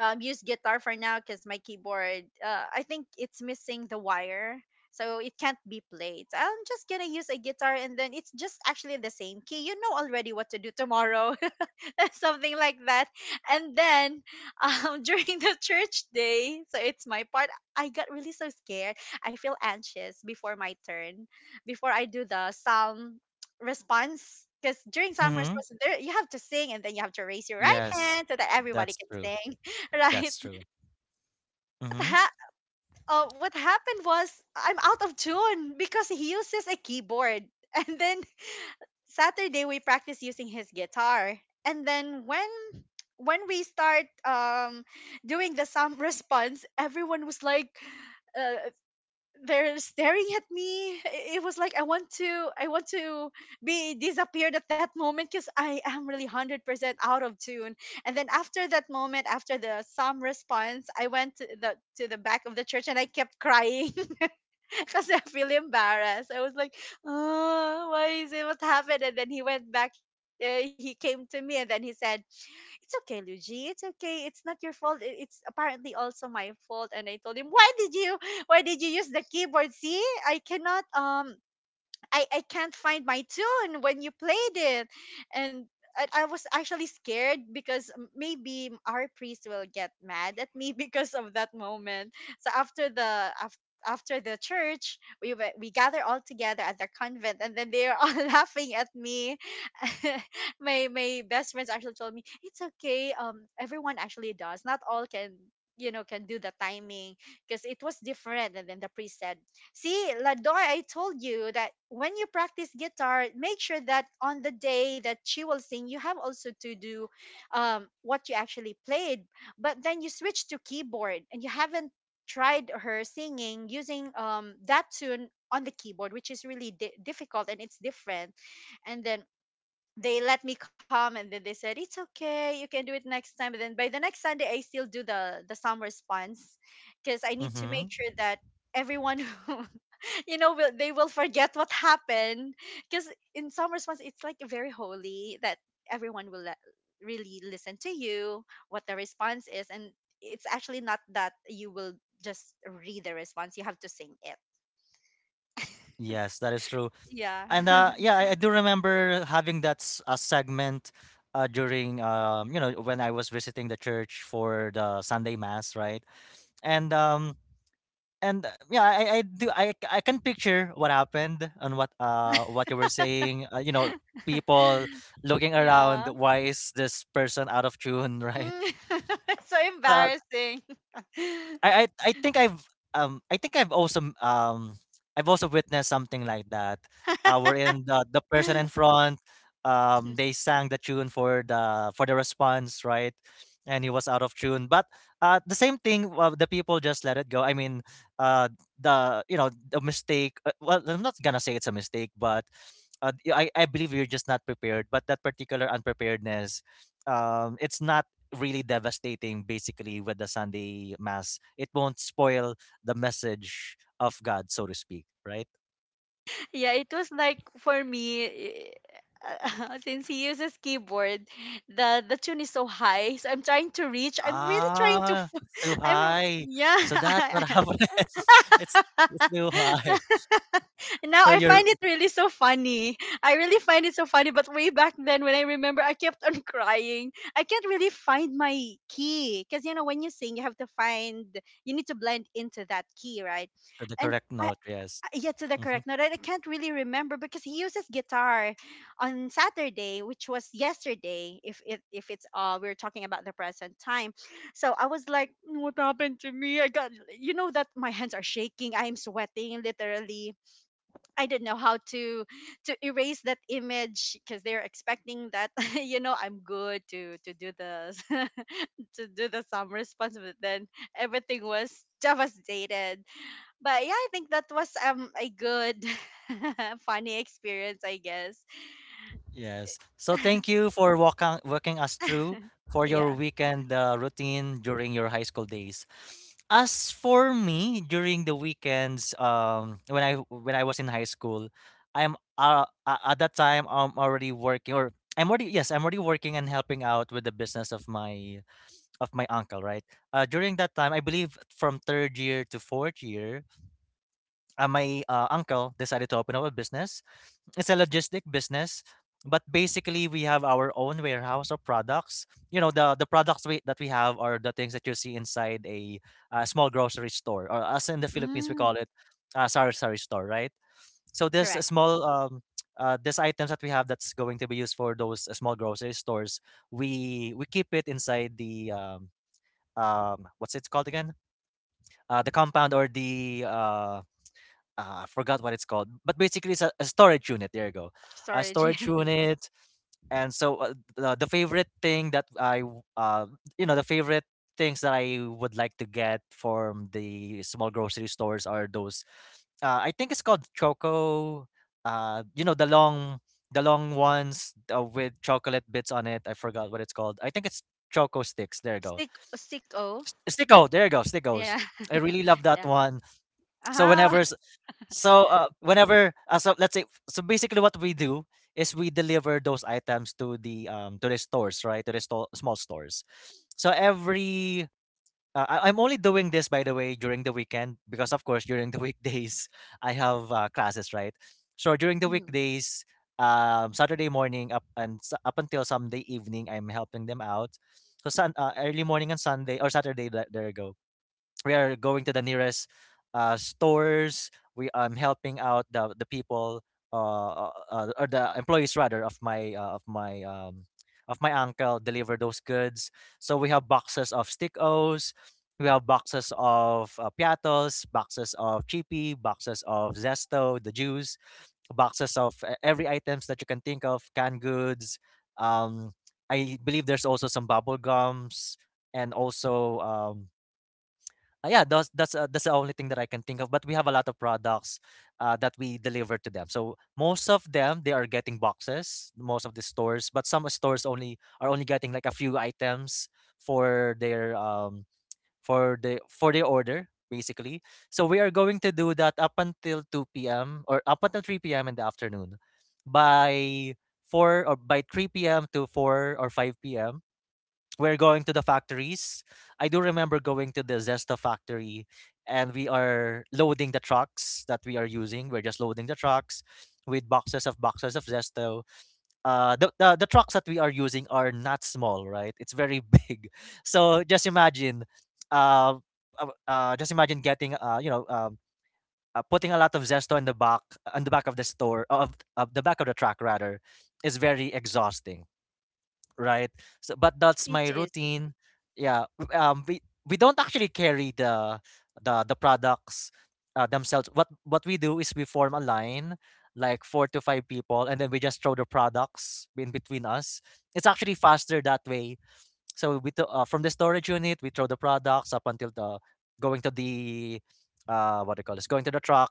Speaker 2: use guitar for now because my keyboard, I think it's missing the wire. So it can't be played. So I'm just gonna use a guitar, and then it's just actually the same key. You know already what to do tomorrow." Something like that. And then during the church day, so it's my part, I got really so scared. I feel anxious before my turn, before I do the psalm response. Because during psalm
Speaker 1: Mm-hmm.
Speaker 2: response, there, you have to sing and then you have to raise your right
Speaker 1: Yes,
Speaker 2: hand so that everybody
Speaker 1: that's
Speaker 2: can
Speaker 1: true.
Speaker 2: sing, right?
Speaker 1: That's true.
Speaker 2: What,
Speaker 1: Mm-hmm.
Speaker 2: ha- what happened was I'm out of tune because he uses a keyboard. And then Saturday we practice using his guitar. And then when we start doing the sum response, everyone was like, uh, they're staring at me. It was like I want to be disappeared at that moment because I am really 100% out of tune. And then after that moment, after the psalm response, I went to the back of the church and I kept crying because I feel embarrassed. I was like, "Oh, why is it? What happened?" And then he went back. He came to me and then he said, "It's okay, Luigi. It's okay. It's not your fault. It's apparently also my fault." And I told him, "Why did you? Why did you use the keyboard? See, I cannot. I can't find my tune when you played it." And I was actually scared because maybe our priest will get mad at me because of that moment. So after the church, we gather all together at the convent, and then they are all laughing at me. My best friends actually told me it's okay. Everyone actually does. Not all can you know can do the timing because it was different. And then the priest said, "See, Ladoy, I told you that when you practice guitar, make sure that on the day that she will sing, you have also to do what you actually played. But then you switch to keyboard and you haven't tried her singing using that tune on the keyboard, which is really difficult and it's different." And then they let me come and then they said, "It's okay, you can do it next time." And then by the next Sunday, I still do the summer response because I need to
Speaker 1: Mm-hmm.
Speaker 2: make sure that everyone you know will they will forget what happened, because in some response it's like very holy that everyone will really listen to you what the response is, and it's actually not that you will just read the response, you have to sing it. Yes.
Speaker 1: Yes, that is true.
Speaker 2: Yeah.
Speaker 1: And yeah, I do remember having that segment during when I was visiting the church for the Sunday mass, right? And um, and yeah, I do I, c- I can picture what happened and what you were saying. You know, people looking around.
Speaker 2: Yeah.
Speaker 1: Why is this person out of tune, right?
Speaker 2: Mm. So
Speaker 1: Uh,
Speaker 2: embarrassing.
Speaker 1: I I I think I've I think I've also I've also witnessed something like that. Wherein the person in front they sang the tune for the response, right, and he was out of tune. But the same thing. The people just let it go. I mean, uh the you know the mistake. Well, I'm not gonna say it's a mistake, but I believe you're just not prepared. But that particular unpreparedness, it's not really devastating basically with the Sunday mass. It won't spoil the message of God, so to speak, right?
Speaker 2: Yeah, it was like for me, eh, since he uses keyboard, the tune is so high. So I'm trying to reach. I'm really trying to.
Speaker 1: Ah, it's too
Speaker 2: I'm.
Speaker 1: high.
Speaker 2: Yeah.
Speaker 1: So that's what happened. It's it's too high.
Speaker 2: Now
Speaker 1: So
Speaker 2: I
Speaker 1: you're
Speaker 2: find it really so funny. I really find it so funny. But way back then, when I remember, I kept on crying. I can't really find my key because you know when you sing, you have to find. You need to blend into that key, right?
Speaker 1: to the
Speaker 2: And
Speaker 1: correct
Speaker 2: I.
Speaker 1: note, yes.
Speaker 2: Yeah, to the
Speaker 1: Mm-hmm.
Speaker 2: correct note. I can't really remember because he uses guitar on Saturday, which was yesterday. If it if it's we're talking about the present time, so I was like, "Mm, what happened to me? I got, you know, that my hands are shaking. I am sweating literally. I didn't know how to erase that image because they're expecting that you know I'm good to do the to do the sum response, but then everything was devastated." But yeah, I think that was a good funny experience, I guess.
Speaker 1: Yes. So thank you for walking us through for your
Speaker 2: Yeah.
Speaker 1: weekend routine during your high school days. As for me, during the weekends, when I was in high school, at that time I'm already, yes, I'm already working and helping out with the business of my uncle, right. During that time, I believe from 3rd year to 4th year, my uncle decided to open up a business, it's a logistic business, but basically we have our own warehouse of products. You know the products that we have are the things that you see inside a, uh, small grocery store, or us in the Philippines we
Speaker 2: Mm,
Speaker 1: call it a sari sari store, right? So this
Speaker 2: correct.
Speaker 1: small this items that we have that's going to be used for those small grocery stores, we keep it inside the what's it called again, the compound or the I forgot what it's called, but basically it's a storage unit. There you go, a
Speaker 2: Storage. Yeah.
Speaker 1: storage unit. And so the favorite thing that I, w- you know, the favorite things that I would like to get from the small grocery stores are those. I think it's called choco. You know the the long ones with chocolate bits on it. I forgot what it's called. I think it's choco sticks. There you go.
Speaker 2: Stick O.
Speaker 1: Sticko. There you go.
Speaker 2: Yeah.
Speaker 1: Stickos. I really love
Speaker 2: Yeah.
Speaker 1: that one. So
Speaker 2: Ah.
Speaker 1: whenever s- so whenever so let's say, so basically what we do is we deliver those items to the stores, right? To the small stores. So I'm only doing this, by the way, during the weekend because of course during the weekdays I have classes, right? So during the
Speaker 2: Mhm.
Speaker 1: weekdays Saturday morning up until Sunday evening I'm helping them out. So early morning and Sunday or Saturday, there you go, we are going to the nearest stores. We I'm helping out the people or the employees rather of my of my of my uncle deliver those goods. So we have boxes of stick O's, we have boxes of piatos, boxes of chippy, boxes of zesto, the juice, boxes of every items that you can think of, canned goods. Um, I believe there's also some bubble gums and also yeah, that's the only thing that I can think of. But we have a lot of products that we deliver to them. So most of them they are getting boxes, most of the stores. But some stores only are only getting like a few items for their for the for their order basically. So we are going to do that up until two p.m. or up until three p.m. in the afternoon. By four or by three p.m. to four or five p.m. we're going to the factories. I do remember going to the Zesto factory and we are loading the trucks that we are using. We're just loading the trucks with boxes of Zesto. The trucks that we are using are not small, right? It's very big. So uh, just imagine getting, putting a lot of Zesto in the back, on the back of of the back of the truck rather, is very exhausting, right? So, but that's
Speaker 2: It
Speaker 1: my
Speaker 2: is
Speaker 1: routine. Yeah, we don't actually carry the the products themselves. What we do is we form a line, like 4 to 5 people, and then we just throw the products in between us. It's actually faster that way. So from the storage unit, we throw the products up until the going to the what do you call this? Going to the truck,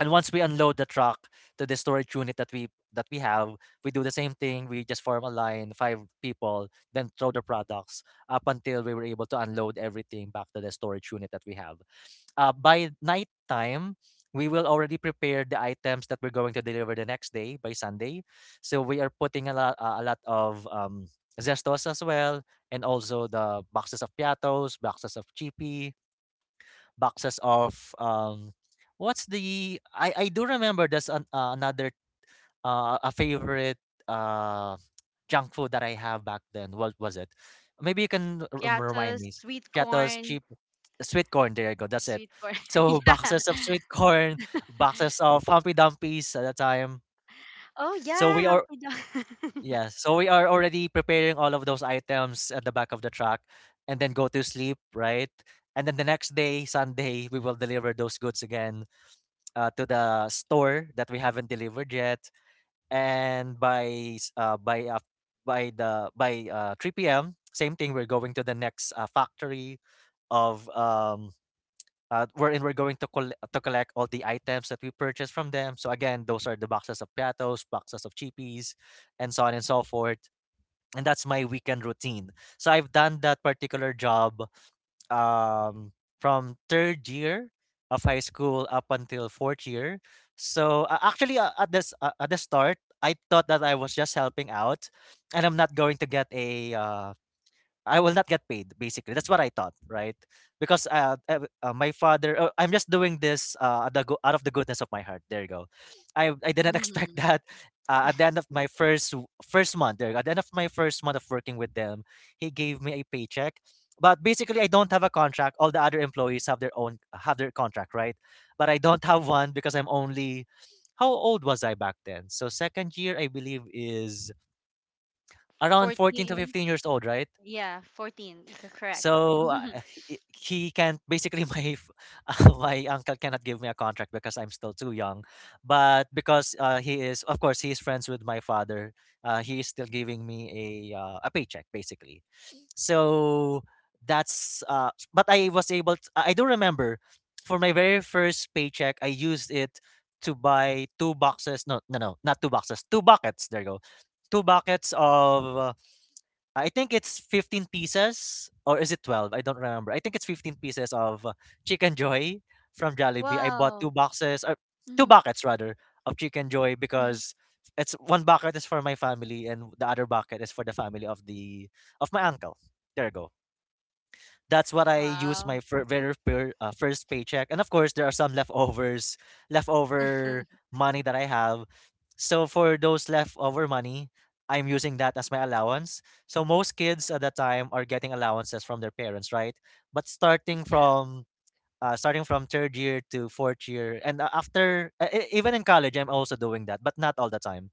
Speaker 1: and once we unload the truck to the storage unit that we have, we do the same thing, we just form a line, 5 people, then throw the products up until we were able to unload everything back to the storage unit that we have. By night time we will already prepare the items that we're going to deliver the next day by Sunday. So we are putting a lot of zestos as well, and also the boxes of piatos, boxes of chippy, boxes of what's the, I do remember there's an, another a favorite uh junk food that I have back then. What was it? Maybe you can remind
Speaker 2: piatos,
Speaker 1: me.
Speaker 2: sweet
Speaker 1: Piatos
Speaker 2: corn,
Speaker 1: cheap sweet corn. There you go. That's it.
Speaker 2: sweet corn.
Speaker 1: So
Speaker 2: Yeah.
Speaker 1: boxes of sweet corn, boxes of Humpy Dumpies at the time.
Speaker 2: Oh
Speaker 1: So
Speaker 2: yeah,
Speaker 1: we are
Speaker 2: Humpty Duck.
Speaker 1: yeah, so we are already preparing all of those items at the back of the truck and then go to sleep, right? And then the next day, Sunday, we will deliver those goods again to the store that we haven't delivered yet. And by s- by the by 3 p.m., same thing. We're going to the next factory of wherein we're going to to collect all the items that we purchased from them. So again, those are the boxes of piatos, boxes of cheapies, and so on and so forth, and that's my weekend routine. So I've done that particular job um, from third year of high school up until fourth year. So actually, at the start, I thought that I was just helping out, and I'm not going to get a I will not get paid, basically. That's what I thought, right? Because my father, I'm just doing this out of the out of the goodness of my heart. There you go. I didn't
Speaker 2: Hmm.
Speaker 1: expect that. At the end of my first w- first month, there, you go. At the end of my first month of working with them, he gave me a paycheck. But basically, I don't have a contract. All the other employees have their own have their contract, right? But I don't have one because I'm only, how old was I back then? So second year, I believe, is around 14 to
Speaker 2: 14.
Speaker 1: 15 years old, right?
Speaker 2: Yeah, 14. Yeah, correct.
Speaker 1: So he can't basically my uncle cannot give me a contract because I'm still too young. But because he is, of course he is friends with my father, he is still giving me a paycheck basically. So that's but I was able to, I do remember, for my very first paycheck I used it to buy two boxes, no, not two boxes, two buckets, there you go, two buckets of I think it's 15 pieces or is it 12? I don't remember. I think it's 15 pieces of Chicken Joy from Jollibee. I bought
Speaker 2: Wow.
Speaker 1: two boxes or two
Speaker 2: Hmm.
Speaker 1: buckets rather of Chicken Joy,
Speaker 2: Hmm.
Speaker 1: because it's one bucket is for my family and the other bucket is for the family of the of my uncle. There you go, that's what I use
Speaker 2: Wow.
Speaker 1: my first paycheck. And of course, there are some leftovers, leftover money that I have. So for those leftover money, I'm using that as my allowance. So most kids at that time are getting allowances from their parents, right? But
Speaker 2: Yeah.
Speaker 1: starting from third year to fourth year, and even in college I'm also doing that but not all the time.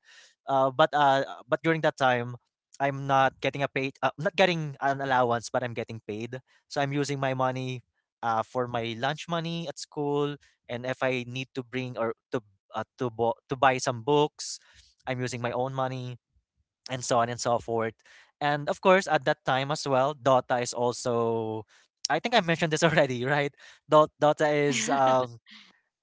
Speaker 1: But but during that time I'm not getting a paid, not getting an allowance but I'm getting paid. So I'm using my money for my lunch money at school, and if I need to bring or to to buy some books, I'm using my own money, and so on and so forth. And of course, at that time as well, Dota is also, I think I mentioned this already, right? Dota is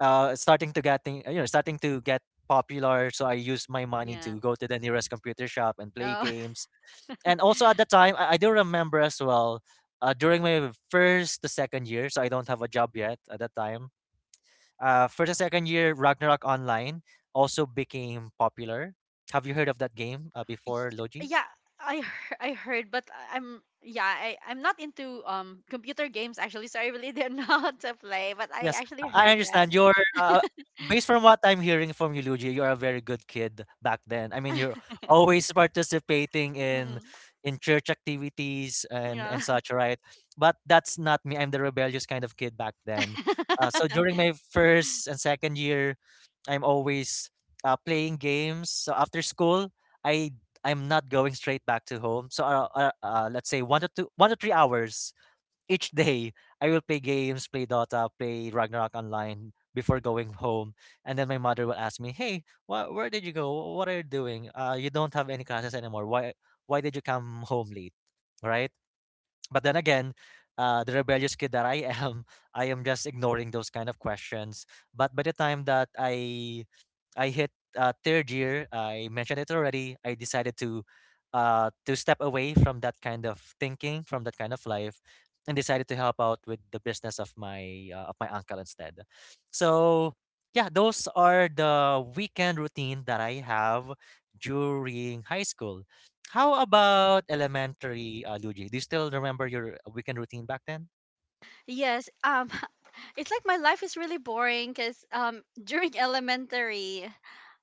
Speaker 1: starting to getting, you know, starting to get popular. So I used my money
Speaker 2: Yeah.
Speaker 1: to go to the nearest computer shop and play
Speaker 2: Oh.
Speaker 1: games. And also at the time, I do remember as well. During my first to second year, so I don't have a job yet at that time. First to second year, Ragnarok Online also became popular. Have you heard of that game
Speaker 2: Y-
Speaker 1: before, Logi?
Speaker 2: yeah, I heard, but I'm. Yeah, I'm not into computer games actually, so I really don't know how to play, but I
Speaker 1: Yes,
Speaker 2: actually
Speaker 1: I
Speaker 2: heard that.
Speaker 1: understand. You're based from what I'm hearing from you, Luigi, you're a very good kid back then. I mean, you're always participating
Speaker 2: Mm,
Speaker 1: in church activities
Speaker 2: yeah.
Speaker 1: and such, right? But that's not me. I'm the rebellious kind of kid back then. So during my first and second year, I'm always playing games. So after school, I I'm not going straight back to home. So let's say one to two, 1 to 3 hours each day I will play games, play Dota, play Ragnarok online before going home, and then my mother will ask me, "Hey, where did you go? What are you doing? You don't have any classes anymore. Why did you come home late?" Right? But then again, the rebellious kid that I am, I am just ignoring those kind of questions. But by the time that I hit third year, I mentioned it already, I decided to step away from that kind of thinking, from that kind of life, and decided to help out with the business of my uncle instead. So yeah, those are the weekend routine that I have during high school. How about elementary, Luigi? Do you still remember your weekend routine back then?
Speaker 2: Yes, it's like my life is really boring because during elementary,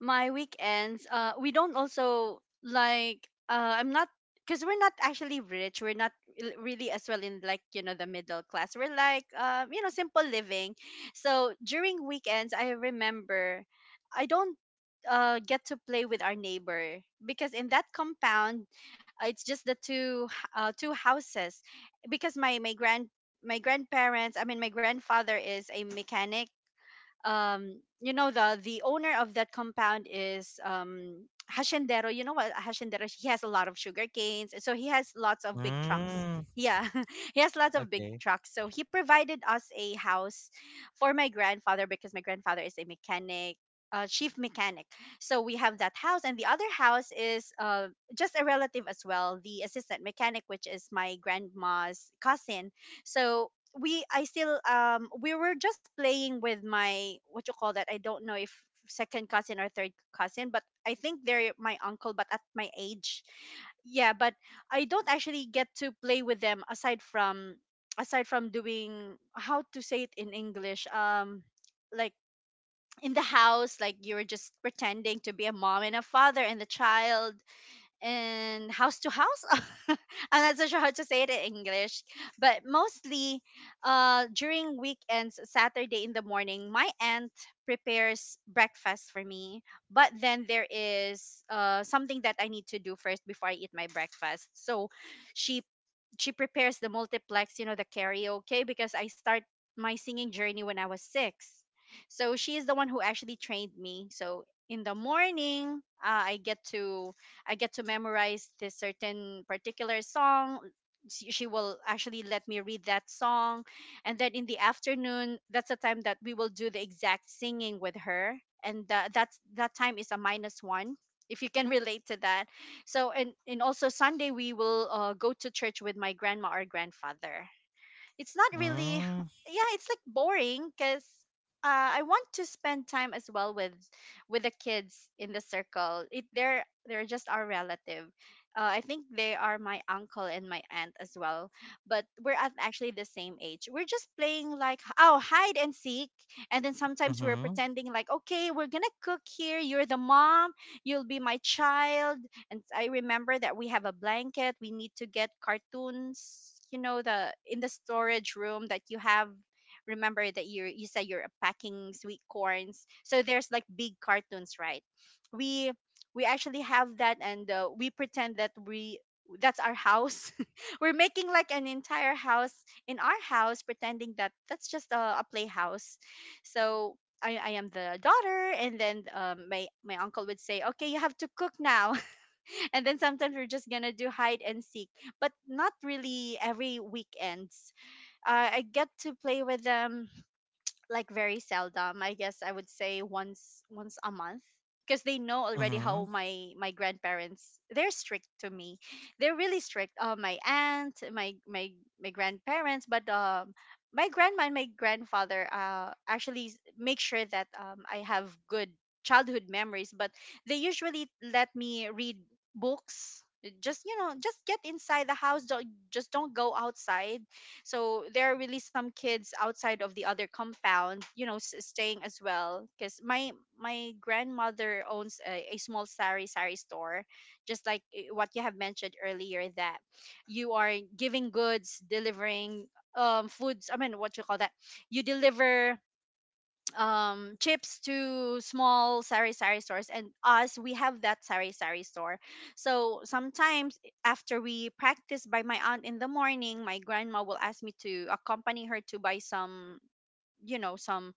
Speaker 2: my weekends, we don't also like, I'm not, because we're not actually rich. We're not really as well in like you know the middle class. We're like, you know, simple living. So during weekends, I remember I don't get to play with our neighbor, because in that compound, it's just the two houses, because my grandparents, I mean my grandfather is a mechanic. You know, the owner of that compound is Haciendero. You know what Haciendero? He has a lot of sugar canes, so he has lots of big trucks.
Speaker 1: Mm,
Speaker 2: Yeah, he has lots of big
Speaker 1: okay.
Speaker 2: trucks. So he provided us a house for my grandfather because my grandfather is a mechanic, chief mechanic. So we have that house, and the other house is, just a relative as well, the assistant mechanic, which is my grandma's cousin. So we I still, we were just playing with my, what you call that? I don't know if second cousin or third cousin, but I think they're my uncle, but at my age. Yeah, but I don't actually get to play with them aside from doing, how to say it in English, like in the house, like you were just pretending to be a mom and a father and a child, in house to house. I'm not so sure how to say it in English, but mostly, during weekends, Saturday in the morning, my aunt prepares breakfast for me. But then there is, something that I need to do first before I eat my breakfast. So she she prepares the multiplex, you know, the karaoke, because I start my singing journey when I was six. So she is the one who actually trained me. So in the morning, I get to memorize this certain particular song. She will actually let me read that song, and then in the afternoon, that's the time that we will do the exact singing with her, and that time is a minus one. If you can relate to that. So and also Sunday we will go to church with my grandma or grandfather. It's not really.
Speaker 1: Mm,
Speaker 2: Yeah, it's like boring because, I want to spend time as well with the kids in the circle. It They're just our relative. I think they are my uncle and my aunt as well, but we're at actually the same age. We're just playing like, oh, hide and seek, and then sometimes we're
Speaker 1: mm-hmm,
Speaker 2: pretending like, okay, we're gonna cook here. You're the mom, you'll be my child. And I remember that we have a blanket. We need to get cartoons, you know, the in the storage room that you have. Remember that you said you're packing sweet corns. So there's like big cartoons, right? We we actually have that, and we pretend that we that's our house. We're making like an entire house in our house, pretending that that's just a playhouse. So I am the daughter, and then my uncle would say, "Okay, you have to cook now." And then sometimes we're just gonna do hide and seek, but not really every weekends. I get to play with them like very seldom. I guess I would say once a month because they know already
Speaker 1: mm-hmm,
Speaker 2: how my grandparents they're strict to me. They're really strict. My aunt, my grandparents, but my grandma and my grandfather actually make sure that I have good childhood memories, but they usually let me read books. Just, you know, just get inside the house. Don't, Just don't go outside. So there are really some kids outside of the other compound, you know, staying as well. Because my grandmother owns a small sari sari store, just like, eh, what you have mentioned earlier, that you are giving goods, delivering foods. I mean, what you call that? You deliver chips to small sari sari stores, and us, we have that sari sari store. So sometimes after we practice by my aunt in the morning, my grandma will ask me to accompany her to buy some, you know, some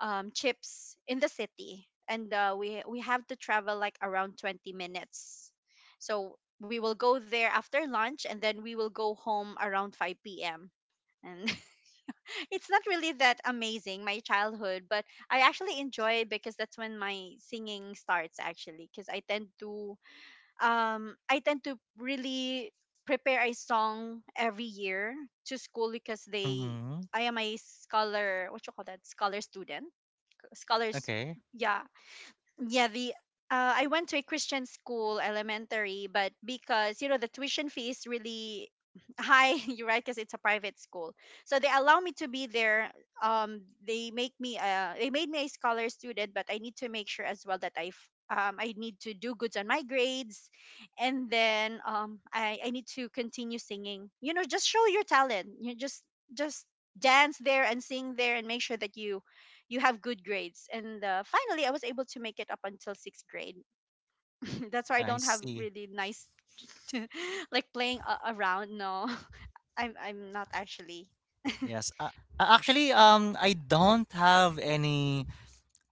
Speaker 2: chips in the city, and we have to travel like around 20 minutes. So we will go there after lunch and then we will go home around 5 p.m. And it's not really that amazing, my childhood, but I actually enjoy it because that's when my singing starts actually, because I tend to really prepare a song every year to school because they,
Speaker 1: mm-hmm.
Speaker 2: I am a scholar, what you call that, scholar student, scholar's.
Speaker 1: Okay,
Speaker 2: Yeah. Yeah. The, I went to a Christian school elementary, but because you know the tuition fee is really high you're right, because it's a private school. So they allow me to be there. They make me they made me a scholar student, but I need to make sure as well that I need to do goods on my grades. And then I need to continue singing, you know, just show your talent. You just dance there and sing there and make sure that you have good grades. And finally, I was able to make it up until sixth grade. That's why I
Speaker 1: I
Speaker 2: don't have
Speaker 1: see.
Speaker 2: really nice, like playing around. No, I'm not actually.
Speaker 1: Yes. Actually, I don't have any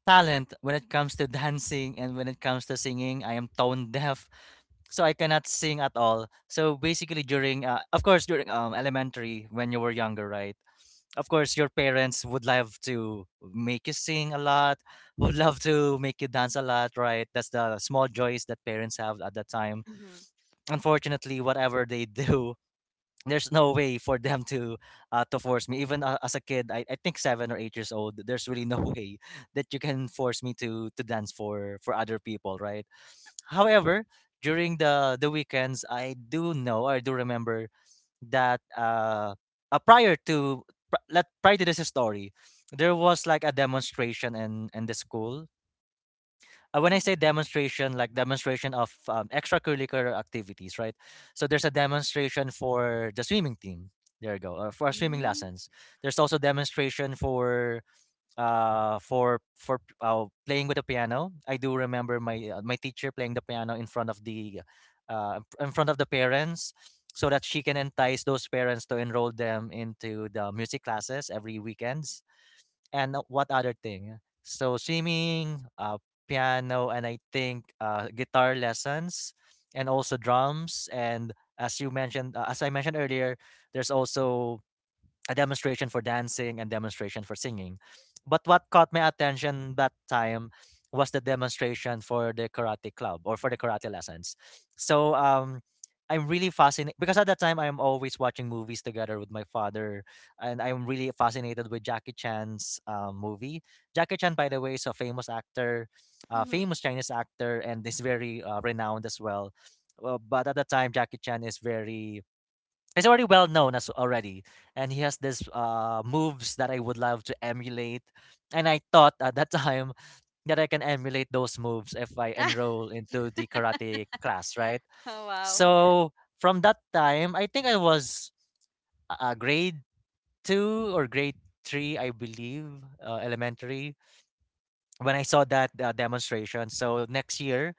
Speaker 1: talent when it comes to dancing and when it comes to singing. I am tone deaf, so I cannot sing at all. So basically, during of course during elementary when you were younger, right? Of course, your parents would love to make you sing a lot, would love to make you dance a lot, right? That's the small joys that parents have at that time.
Speaker 2: Mm-hmm.
Speaker 1: Unfortunately, whatever they do, there's no way for them to force me, even as a kid, I think 7 or 8 years old, there's really no way that you can force me to dance for other people, right? However, during the weekends, I do know, I do remember that prior to pri- let prior to this story, there was like a demonstration in the school. When I say demonstration, like demonstration of extracurricular activities, right? So there's a demonstration for the swimming team. There you go. For swimming
Speaker 2: Mm-hmm.
Speaker 1: lessons, there's also demonstration for playing with the piano. I do remember my my teacher playing the piano in front of the in front of the parents, so that she can entice those parents to enroll them into the music classes every weekends. And what other thing? So swimming, piano, and I think guitar lessons, and also drums. And as you mentioned, as I mentioned earlier, there's also a demonstration for dancing and demonstration for singing. But what caught my attention that time was the demonstration for the karate club or for the karate lessons. So I'm really fascinated because at that time I'm always watching movies together with my father, and I'm really fascinated with Jackie Chan's movie. Jackie Chan, by the way, is a famous actor, famous Chinese actor, and is very renowned as well. Well, but at the time Jackie Chan is very, he's already well known as already, and he has this moves that I would love to emulate, and I thought at that time that I can emulate those moves if I enroll into the karate class, right?
Speaker 2: Oh, wow.
Speaker 1: So from that time, I think I was grade two or grade three I believe, elementary, when I saw that demonstration. So next year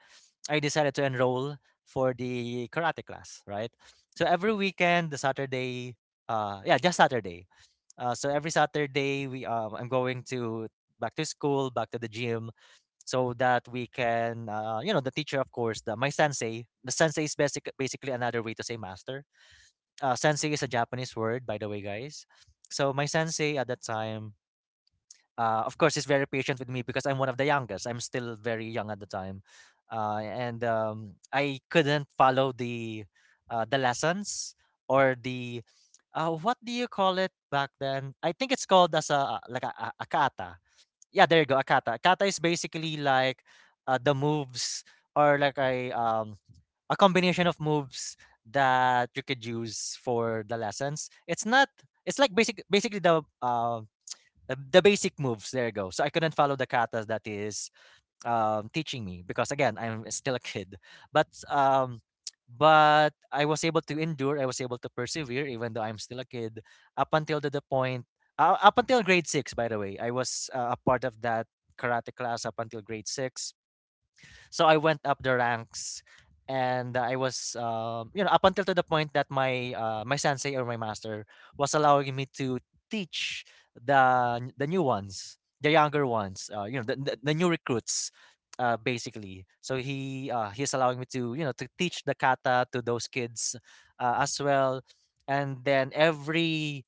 Speaker 1: I decided to enroll for the karate class, right? So every weekend, the Saturday, yeah, just Saturday. So every Saturday, we I'm going to back to school, back to the gym, so that we can, you know, the teacher, of course, the my sensei. The sensei is basically another way to say master. Sensei is a Japanese word, by the way, guys. So my sensei at that time, of course, he's very patient with me because I'm one of the youngest. I'm still very young at the time, and I couldn't follow the lessons or the what do you call it back then? I think it's called as a like a kata. Yeah, there you go. A kata. Kata is basically like the moves or like a combination of moves that you could use for the lessons. It's not, it's like basically the the basic moves. There you go. So I couldn't follow the katas that is teaching me because again, I'm still a kid. But but I was able to endure. I was able to persevere, even though I'm still a kid, up until to the point up until grade six. By the way, I was a part of that karate class up until grade six, so I went up the ranks, and I was, you know, up until to the point that my my sensei or my master was allowing me to teach the new ones, the younger ones, you know, the new recruits. Basically, so he's allowing me to, you know, to teach the kata to those kids as well. And then every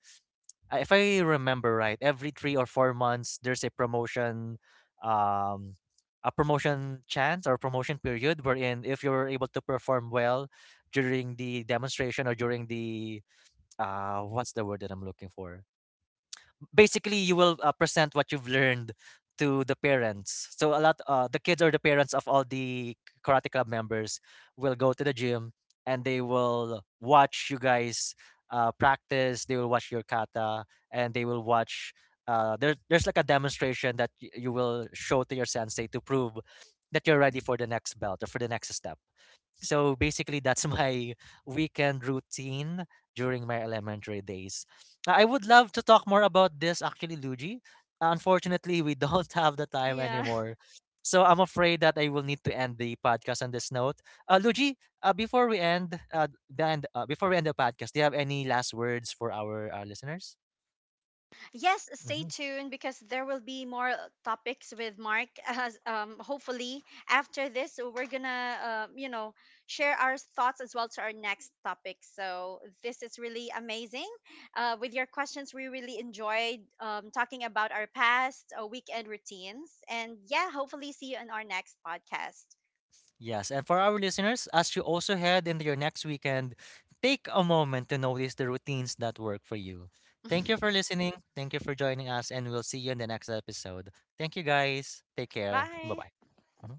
Speaker 1: if I remember right, every 3 or 4 months there's um, a promotion chance or promotion period wherein if you're able to perform well during the demonstration or during the what's the word that I'm looking for? Basically you will present what you've learned to the parents, so a lot, the kids or the parents of all the karate club members will go to the gym, and they will watch you guys practice, they will watch your kata, and they will watch there, there's like a demonstration that you will show to your sensei to prove that you're ready for the next belt or for the next step. So basically, that's my weekend routine during my elementary days. I would love to talk more about this, actually, Luigi. Unfortunately, we don't have the time
Speaker 2: Yeah.
Speaker 1: anymore. So I'm afraid that I will need to end the podcast on this note. Luigi, uh, before we end, uh, before we end the podcast, do you have any last words for our listeners?
Speaker 2: Yes, stay
Speaker 1: Mm-hmm.
Speaker 2: tuned because there will be more topics with Mark. As, hopefully after this, so we're gonna, you know, share our thoughts as well to our next topic. So this is really amazing. With your questions, we really enjoyed talking about our past weekend routines, and yeah, hopefully see you on our next podcast.
Speaker 1: Yes, and for our listeners, as you also head into your next weekend, take a moment to notice the routines that work for you. Thank you for listening. Thank you for joining us, and we'll see you in the next episode. Thank you guys. Take care.
Speaker 2: Bye.
Speaker 1: Bye bye.